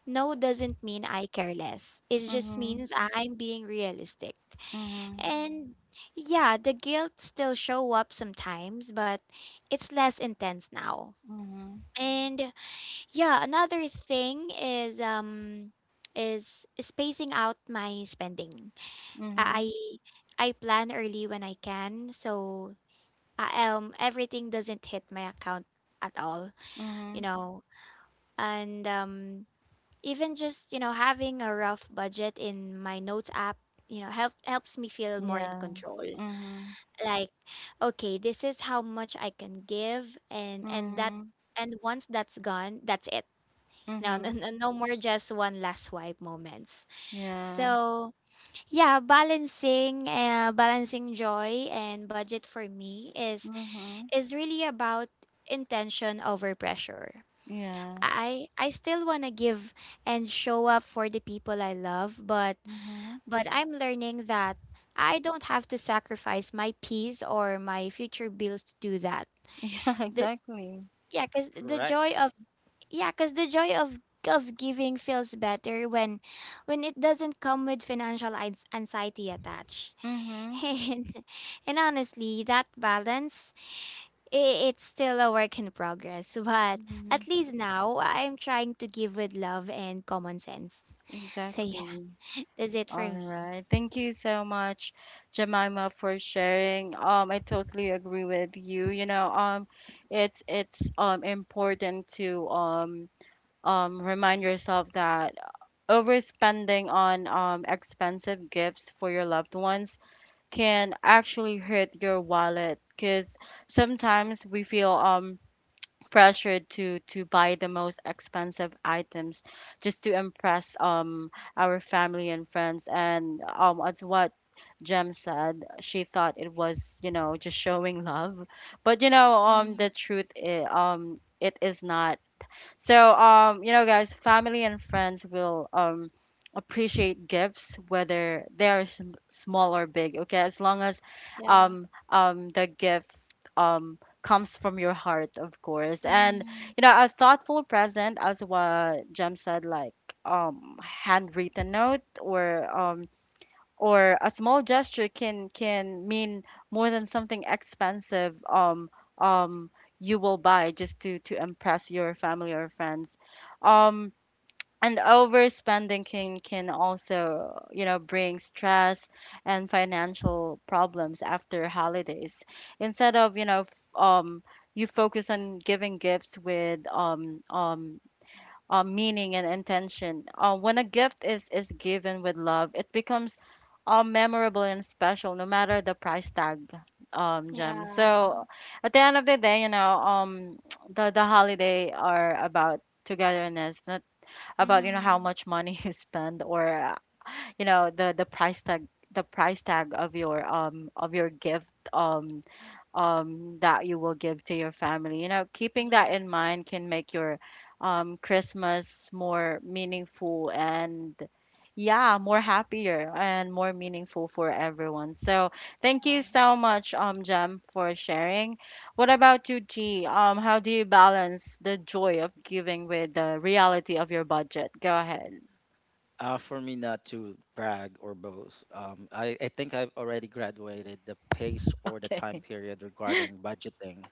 S2: no doesn't mean I care less. It just
S1: Mm-hmm.
S2: means I'm being realistic.
S1: Mhm.
S2: And yeah, the guilt still show up sometimes, but it's less intense now.
S1: Mhm.
S2: And yeah, another thing is spacing out my spending.
S1: Mhm.
S2: I I plan early when I can, so I everything doesn't hit my account at all you
S1: Mhm.
S2: know and even just having a rough budget in my notes app, helps me feel more in
S1: Yeah.
S2: control.
S1: Mhm.
S2: Like, okay, this is how much I can give, and that
S1: Mhm.
S2: and once that's gone, that's it. You know,
S1: Mhm.
S2: no more "just one last swipe" moments.
S1: Yeah.
S2: So yeah, balancing joy and budget for me is
S1: Mhm.
S2: is really about intention over pressure.
S1: Yeah.
S2: I still want to give and show up for the people I love, but
S1: Mhm.
S2: but I'm learning that I don't have to sacrifice my peace or my future bills to do that.
S1: Yeah,
S2: The,
S1: exactly.
S2: yeah, cuz the joy
S3: correct.
S2: of yeah, because the joy of giving feels better when it doesn't come with financial anxiety attached.
S1: Mhm.
S2: And, and honestly, that balance, I it's still a work in progress, but
S1: Mhm.
S2: at least now I'm trying to give with love and common sense. So yeah,
S1: Exactly.
S2: that's it
S1: All
S2: for me.
S1: right, thank you so much, Jemima, for sharing. I totally agree with you. It's important to remind yourself that overspending on expensive gifts for your loved ones can actually hurt your wallet. Because sometimes we feel pressured to buy the most expensive items just to impress our family and friends. And as what Jem said, she thought it was, just showing love. But,
S2: Mm,
S1: the truth, I it is not so. Guys, family and friends will appreciate gifts whether they are small or big. Okay, as long as
S2: yeah.
S1: the gift comes from your heart, of course. And
S2: Mm,
S1: a thoughtful present, as what Jem said, like handwritten note or a small gesture can mean more than something expensive um you will buy just to impress your family or friends, um and overspending can also bring stress and financial problems after holidays. Instead of you focus on giving gifts with meaning and intention. When a gift is given with love, it becomes memorable and special, no matter the price tag. Gem.
S2: yeah.
S1: So at the end of the day, the holiday are about togetherness, not about how
S2: Mm,
S1: much money you spend, or the price tag, the price tag of your gift, that you will give to your family. You know, keeping that
S2: yeah.
S1: in mind can make your Christmas more meaningful and yeah, more happier and more meaningful for everyone. So thank you so much, Jem, for sharing. What about you, G? How do you balance the joy of giving with the reality of your budget? Go ahead.
S3: For me, not to brag or boast, I think I've already graduated the pace or the time
S1: Okay.
S3: period regarding budgeting.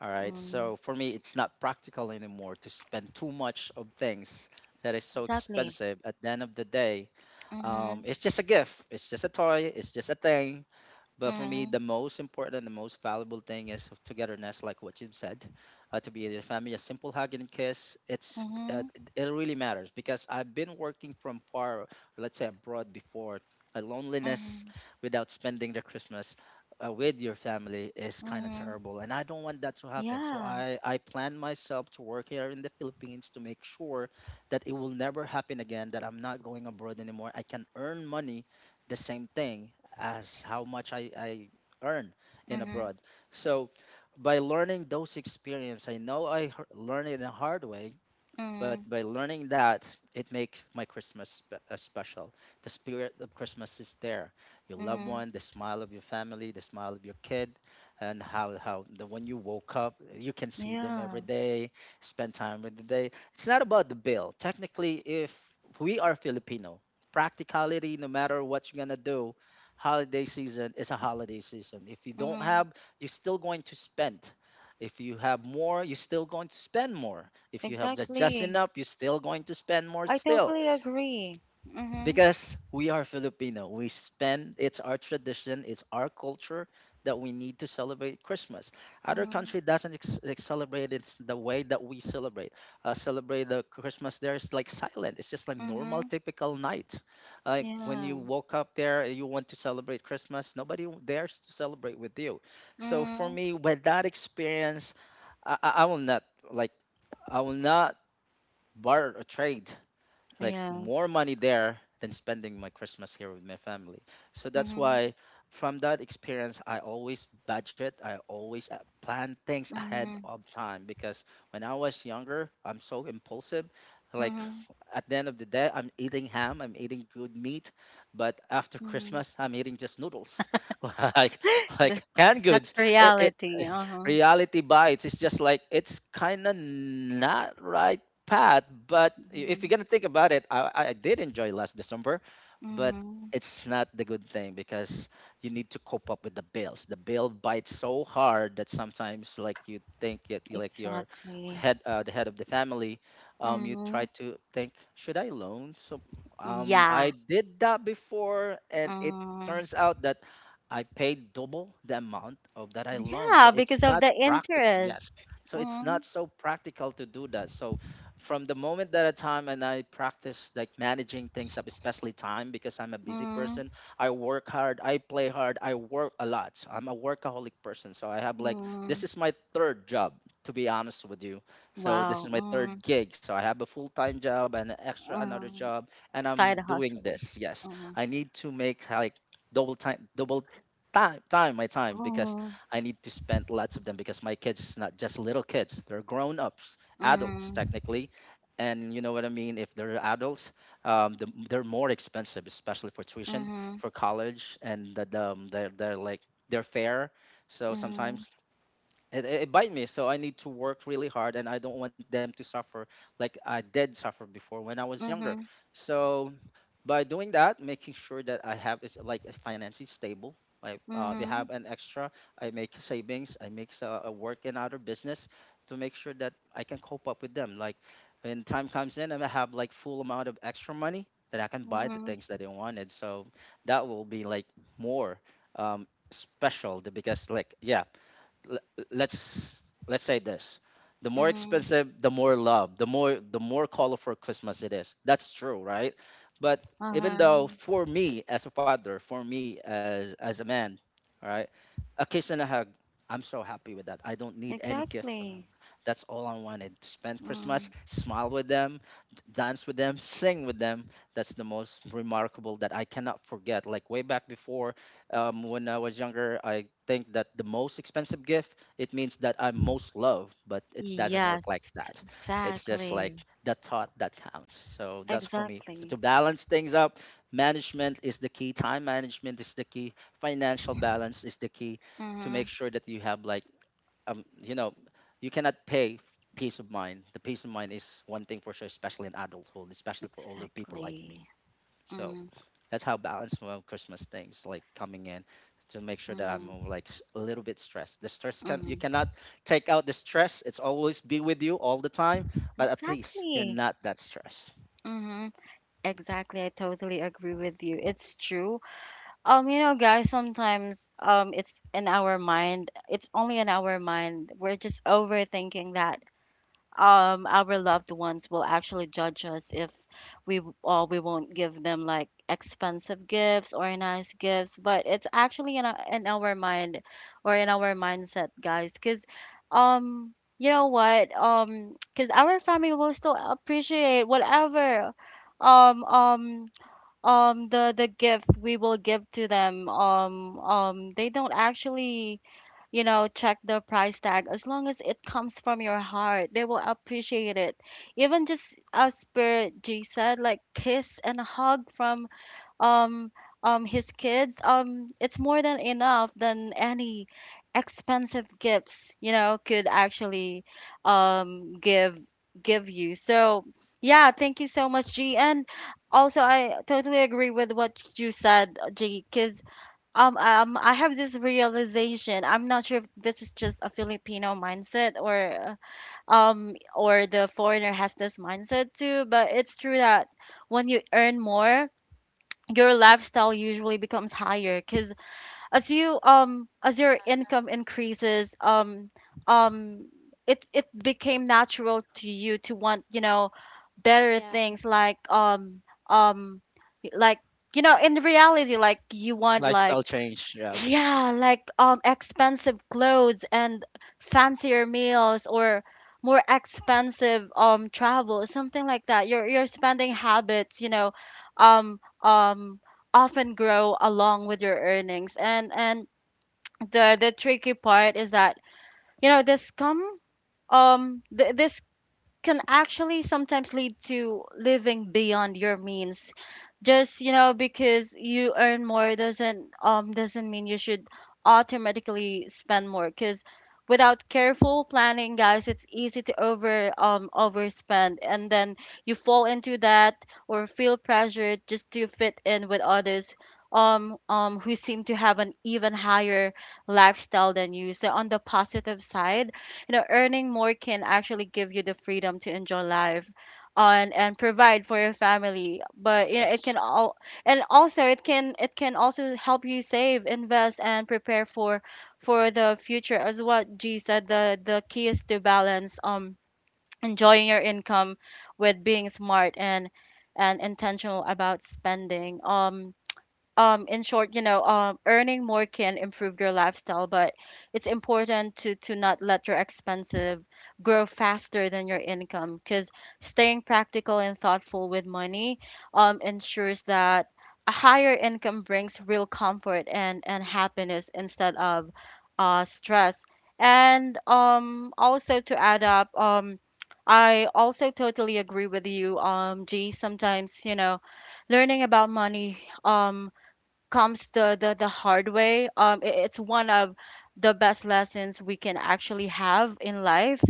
S3: All right.
S1: Mm,
S3: So for me, it's not practical anymore to spend too much of things that is so
S1: exactly.
S3: expensive. At the end of the day,
S1: Mm-hmm.
S3: it's just a gift. It's just a toy. It's just a thing. But for me,
S1: Mm-hmm.
S3: the most important, the most valuable thing is of togetherness, like what you said, to be in a family. A simple hug and kiss,
S1: Mm-hmm.
S3: it really matters because I've been working from far, let's say abroad before. Loneliness
S1: Mm-hmm.
S3: without spending the Christmas with your family is kind of
S1: Mm-hmm.
S3: terrible, and I don't want that to happen. So
S1: Yeah.
S3: I plan myself to work here in the Philippines to make sure that it will never happen again. That I'm not going abroad anymore. I can earn money the same thing as how much I earn in
S1: Mhm,
S3: abroad. So by learning those experience, I know I learned it in a hard way, but
S1: mhm,
S3: by learning that, it makes my christmas special. The spirit of christmas is there, your loved
S1: mhm.
S3: one, the smile of your family, the smile of your kid, and how the when you woke up, you can see them every
S1: Yeah.
S3: day, spend time with the day. It's not about the bill technically. If we are filipino, practicality, no matter what you're gonna do, holiday season is a holiday season. If you don't
S1: Mhm.
S3: have, you're still going to spend. If you have more, you're still going to spend more. If you have just
S1: Exactly.
S3: enough, you're still going to spend more
S1: I
S3: still,
S1: totally agree. Mhm,
S3: because we are Filipino. We spend. It's our tradition. It's our culture that we need to celebrate Christmas. Other
S1: mhm,
S3: country doesn't celebrate it the way that we celebrate. Celebrate the Christmas there is like silent. It's just like normal,
S1: mhm.
S3: typical night. Like when
S1: Yeah.
S3: you woke up there, you want to celebrate Christmas. Nobody dares to celebrate with you. So for
S1: Mhm.
S3: me, with that experience, I will not, like, I will not barter or trade like
S1: Yeah.
S3: more money there than spending my Christmas here with my family. So that's
S1: Mhm,
S3: why from that experience, I always budget, I always plan things ahead
S1: mhm,
S3: of time, because when I was younger, I'm so impulsive. Like
S1: mhm,
S3: at the end of the day, I'm eating ham, I'm eating good meat, but after
S1: mhm.
S3: Christmas, I'm eating just noodles, like
S1: The
S3: like canned
S1: That's
S3: goods. It
S1: reality. Uh-huh.
S3: reality bites. It's just like it's kind of not right path. But if you're
S1: Mhm,
S3: gonna think about it, I did enjoy last December, but
S1: mhm.
S3: it's not the good thing because you need to cope up with the bills. The bill bites so hard that sometimes, like you think, it, you like your
S1: Exactly.
S3: head, the head of the family, you try
S1: Mhm.
S3: to think, should I loan? So, I
S1: Yeah.
S3: did that before, and it
S1: Mm.
S3: turns out that I paid double the amount of that I loaned. So
S1: Yeah, because
S3: it's
S1: of
S3: not
S1: the
S3: practical. Yes.
S1: interest.
S3: So it's
S1: Mm,
S3: not so practical to do that. So from the moment that a time and I practice like managing things up, especially time, because I'm a busy person.
S1: mm,
S3: I work hard, I play hard, I work a lot. So I'm a workaholic person. So I have like
S1: mm.
S3: this is my third job, to be honest with you. So this
S1: Wow.
S3: is my
S1: Mm,
S3: third gig. So I have a full time job and an extra another
S1: mm.
S3: job, and I'm
S1: Side
S3: doing
S1: hustle.
S3: this. Yes.
S1: Uh-huh.
S3: I need to make like double time time my time, because
S1: Mm-hmm.
S3: I need to spend lots of them because my kids is not just little kids. They're grown ups, adults technically, and you know what I mean. If they're adults, the, they're more expensive, especially for tuition,
S1: Mhm.
S3: for college, and they're like they're fair. So
S1: Mhm.
S3: sometimes it bite me, so I need to work really hard and I don't want them to suffer like I did suffer before when I was younger.
S1: Mhm.
S3: So by doing that, making sure that I have is like a financially stable, like we
S1: Mhm. Mhm.
S3: have an extra, I make savings, I make a work in other business to make sure that I can cope up with them, like when time comes in and I have like full amount of extra money that I can buy the
S1: Mhm.
S3: things that I wanted. So that will be like more, special, because like, yeah, l- let's let's say this, the more
S1: Mhm.
S3: expensive, the more love, the more, the more colorful christmas it is. That's true, right? But even
S1: Uh-huh.
S3: though for me as a father, for me as a man, right? A kiss and a hug. I'm so happy with that. I don't need any gift from them.
S1: Exactly.
S3: That's all I wanted. Spend Christmas,
S1: Mm.
S3: smile with them, dance with them, sing with them. That's the most remarkable that I cannot forget. Like way back before, when I was younger, I think that the most expensive gift it means that I'm most loved, but it doesn't work like
S1: Yes,
S3: that. It's just like
S1: exactly.
S3: the thought that counts. So that's for me. So
S1: Exactly.
S3: to balance things up, management is the key. Time management is the key, financial balance is the key, to make
S1: Mhm.
S3: sure that you have like, um, you know, you cannot pay peace of mind. The peace of mind is one thing for sure, especially in adulthood, especially for older people like
S1: Exactly.
S3: me. So
S1: Mhm.
S3: that's how balanced my christmas things like coming in, to make sure that I'm
S1: Mhm.
S3: like a little bit stressed. The stress, can you,
S1: Mhm.
S3: cannot take out the stress, it's always be with you all the time, but at least you're
S1: Exactly.
S3: not that stressed.
S1: Mhm. Exactly. I totally agree with you, it's true. You know, guys, sometimes it's in our mind, it's only in our mind. We're just overthinking that our loved ones will actually judge us if we w- or we won't give them like expensive gifts or nice gifts. But it's actually in our mind or in our mindset, guys. Cause, um you know what? Cause our family will still appreciate whatever um um the gift we will give to them. They don't actually check the price tag. As long as it comes from your heart, they will appreciate it, even just as per G said, like kiss and a hug from um his kids, it's more than enough than any expensive gifts could actually um give give you. So yeah, thank you so much, G. And also I totally agree with what you said, G, because I have this realization. I'm not sure if this is just a Filipino mindset, or the foreigner has this mindset too, but it's true that when you earn more, your lifestyle usually becomes higher. Because as you as your income increases, um it it became natural to you to want, better
S2: Yeah.
S1: things um like in reality, like you want
S3: Lifestyle
S1: like
S3: change, yeah.
S1: yeah, like expensive clothes and fancier meals or more expensive travel, something like that. Your spending habits, um um often grow along with your earnings. And the tricky part is that, this come this can actually sometimes lead to living beyond your means. Just because you earn more doesn't mean you should automatically spend more. Because without careful planning, guys, it's easy to overspend, and then you fall into that or feel pressured just to fit in with others, who seem to have an even higher lifestyle than you. So on the positive side, earning more can actually give you the freedom to enjoy life on and provide for your family. But you know, it
S3: Yes,
S1: can all, and also it can also help you save, invest, and prepare for the future. As what G said, the key is to balance enjoying your income with being smart and intentional about spending. In short, earning more can improve your lifestyle, but it's important to not let your expenses grow faster than your income. Because staying practical and thoughtful with money ensures that a higher income brings real comfort and happiness, instead of stress. And also to add up, I also totally agree with you, G. Sometimes, you know, learning about money um comes the hard way. It's one of the best lessons we can actually have in life.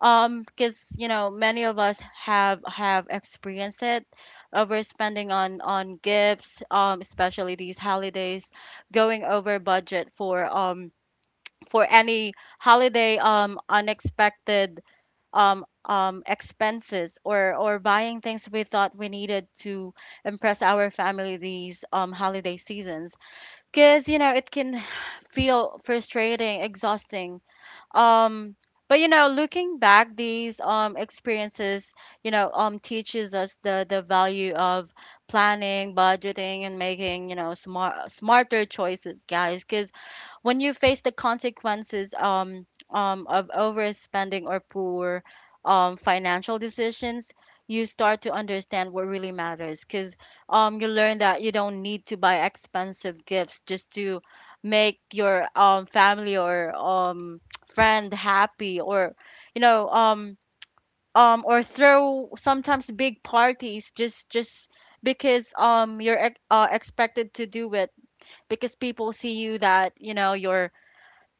S1: Because you know, many of us have experienced it: overspending on gifts, especially these holidays, going over budget for any holiday, unexpected expenses, or buying things we thought we needed to impress our family these holiday seasons. Because you know, it can feel frustrating, exhausting, um but you know, looking back, these experiences, teaches us the value of planning, budgeting, and making, you know, smart smarter choices, guys. 'Cause when you face the consequences of overspending or poor financial decisions, you start to understand what really matters. Because you learn that you don't need to buy expensive gifts just to make your family or friend happy, or you know um, or throw sometimes big parties just because you're expected to do it. Because people see you that you know, you're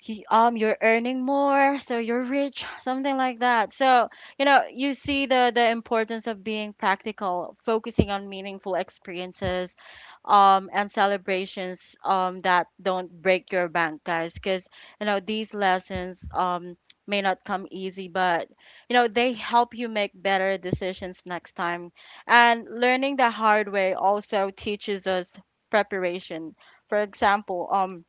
S1: you, you're earning more, so you're rich, something like that. So you know, you see the importance of being practical, focusing on meaningful experiences and celebrations that don't break your bank, guys, because you know these lessons may not come easy, but you know they help you make better decisions next time. And learning the hard way also teaches us preparation. For example,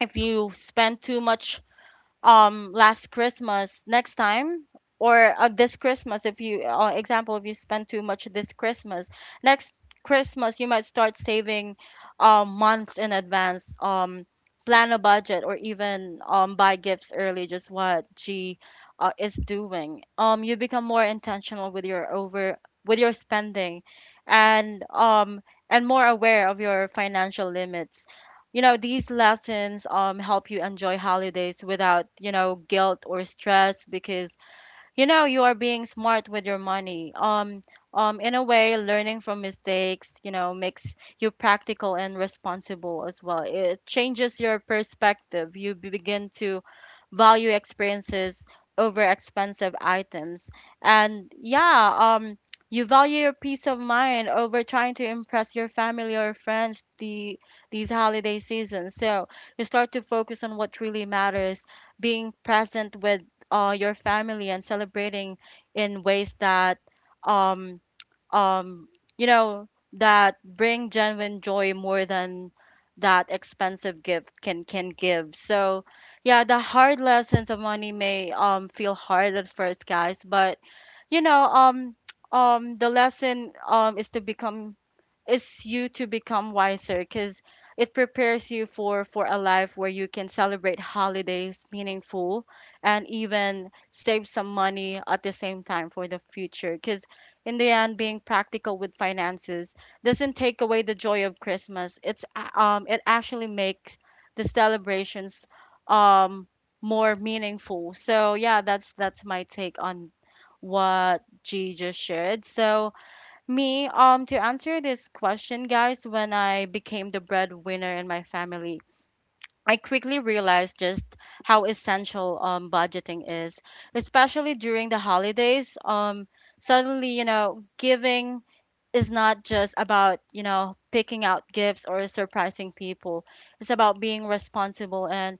S1: if you spend too much last Christmas next time or this Christmas if you example if you spend too much this Christmas, next Christmas you might start saving months in advance, plan a budget, or even buy gifts early, just what G is doing. You become more intentional with your over with your spending, and and more aware of your financial limits. You know, these lessons help you enjoy holidays without, guilt or stress, because you know you are being smart with your money. In a way, learning from mistakes, makes you practical and responsible as well. It changes your perspective. Begin to value experiences over expensive items. And yeah, you value your peace of mind over trying to impress your family or friends these holiday seasons. So you start to focus on what really matters, being present with your family and celebrating in ways that um um, you know, that bring genuine joy more than that expensive gift can give. So, yeah, the hard lessons of money may feel hard at first, guys, but you know, the lesson is to become is you to become wiser, because it prepares you for a life where you can celebrate holidays meaningful, and even save some money at the same time for the future. Because in the end, being practical with finances doesn't take away the joy of Christmas. It actually makes the celebrations um more meaningful. So yeah, that's my take on what G just shared. So me, to answer this question, guys, when I became the breadwinner in my family, I quickly realized just how essential budgeting is, especially during the holidays. Suddenly, you know, giving is not just about, you know, picking out gifts or surprising people. It's about being responsible and,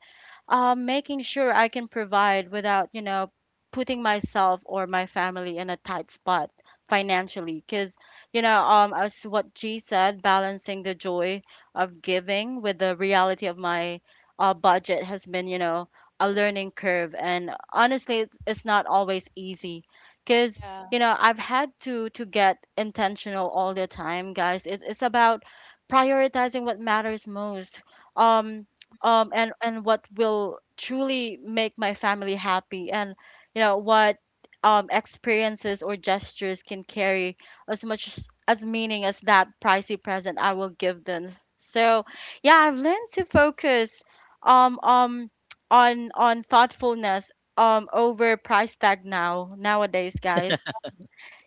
S1: making sure I can provide without, putting myself or my family in a tight spot financially. Because, as what G said, balancing the joy of giving with the reality of my budget has been, you know, a learning curve. And honestly, it's not always easy because,
S2: Yeah.
S1: you know, I've had to get intentional all the time, guys. It's about prioritizing what matters most. Um, and what will truly make my family happy, and you know what experiences or gestures can carry as meaning as that pricey present I will give them. So yeah, I've learned to focus um um on thoughtfulness over price tag, nowadays, guys.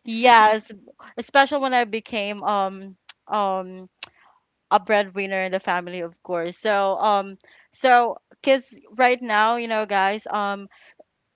S1: Yes, especially when I became um a breadwinner in the family, of course. So, because right now, you know, guys,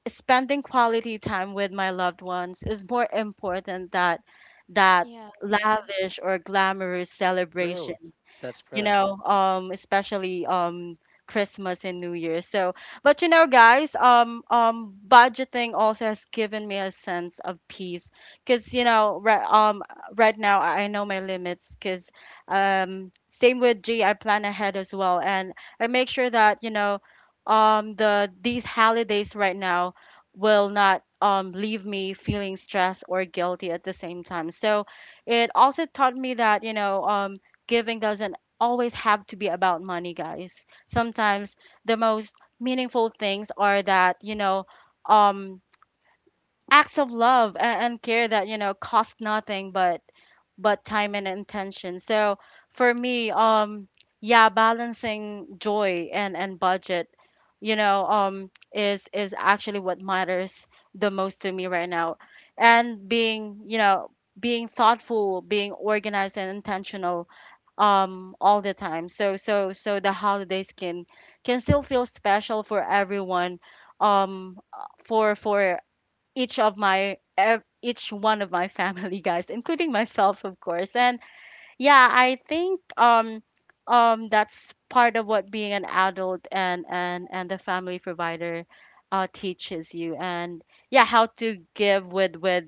S1: spending quality time with my loved ones is more important that that
S2: Yeah. Mm.
S1: lavish or glamorous
S3: true,
S1: celebration,
S3: that's
S1: you
S3: correct.
S1: know, especially Christmas and New Year. So, but you know, guys, budgeting also has given me a sense of peace, because you know, right now I know my limits, because same with G, I plan ahead as well, and I make sure that you know, these holidays right now will not leave me feeling stressed or guilty at the same time. So, it also taught me that, you know, giving doesn't always have to be about money, guys. Sometimes the most meaningful things are that, um, acts of love and care that, you know, cost nothing but but time and intention. So for me, yeah, balancing joy and budget, you know, is actually what matters the most to me right now. And being, you know, being thoughtful, being organized and intentional all the time, so so so the holidays can still feel special for everyone, for each of each one of my family, guys, including myself, of course. And yeah, I think that's part of what being an adult and the family provider teaches you. And yeah, how to give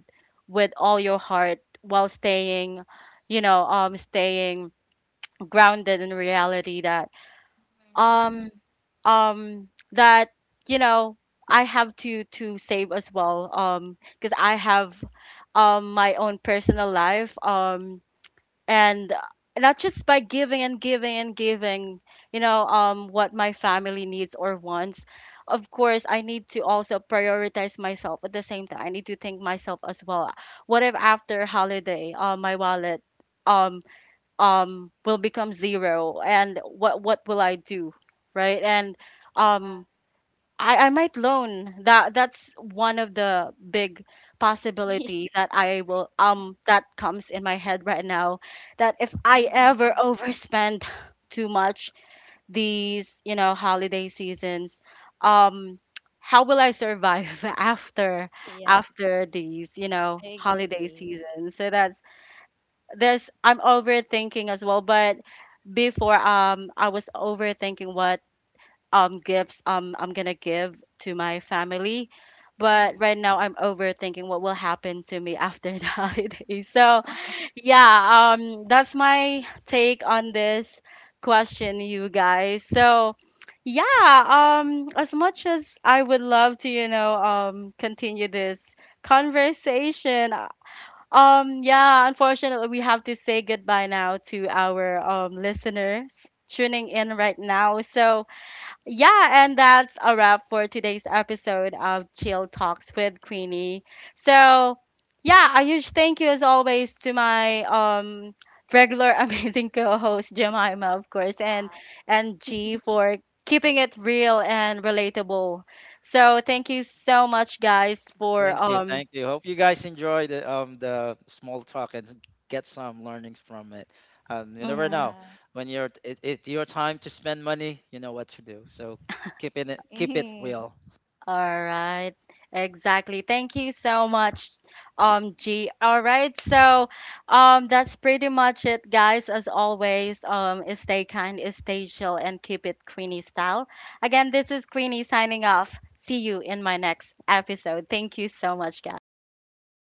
S1: with all your heart while staying, staying grounded in reality that um that you know I have to save as well, because I have my own personal life, and not just by giving and giving and giving, you know, what my family needs or wants. Of course, I need to also prioritize myself at the same time. I need to think myself as well. What if after holiday my wallet um will become zero, and what will I do, right? And
S2: Yeah.
S1: um I might loan. That that's one of the big
S2: Mm, yeah.
S1: possibility that I will that comes in my head right now, that if I
S2: Mhm.
S1: ever overspend too much these, you know, holiday seasons. um how will I survive after,
S2: Yeah,
S1: after these, you know,
S2: I
S1: holiday
S2: agree.
S1: seasons. So that's, there's, I'm overthinking as well. But before, I was overthinking what gifts I'm gonna give to my family. But
S2: Mm-hmm.
S1: right now I'm overthinking what will happen to me after the holiday. So yeah, that's my take on this question, you guys. So yeah, as much as I would love to, you know, continue this conversation, yeah, unfortunately, we have to say goodbye now to our listeners tuning in right now. So, yeah, and that's a wrap for today's episode of Chill Talks with Queenie. So, yeah, a huge thank you as always to my regular amazing co-host Jemima, of course,
S2: Wow.
S1: and G for keeping it real and relatable. So, thank you so much, guys, for
S3: Thank you,
S1: um.
S3: thank you. Hope you guys enjoy the small talk and get some learnings from it. You never
S1: Mhm.
S3: know when you're it, it's your time to spend money. You know what to do. So keep it
S2: Yeah.
S3: real.
S1: All right. Exactly. Thank you so much, G. All right. So, that's pretty much it, guys. As always, stay kind, stay chill, and keep it Queenie style. Again, this is Queenie signing off. See you in my next episode. Thank you so much, guys.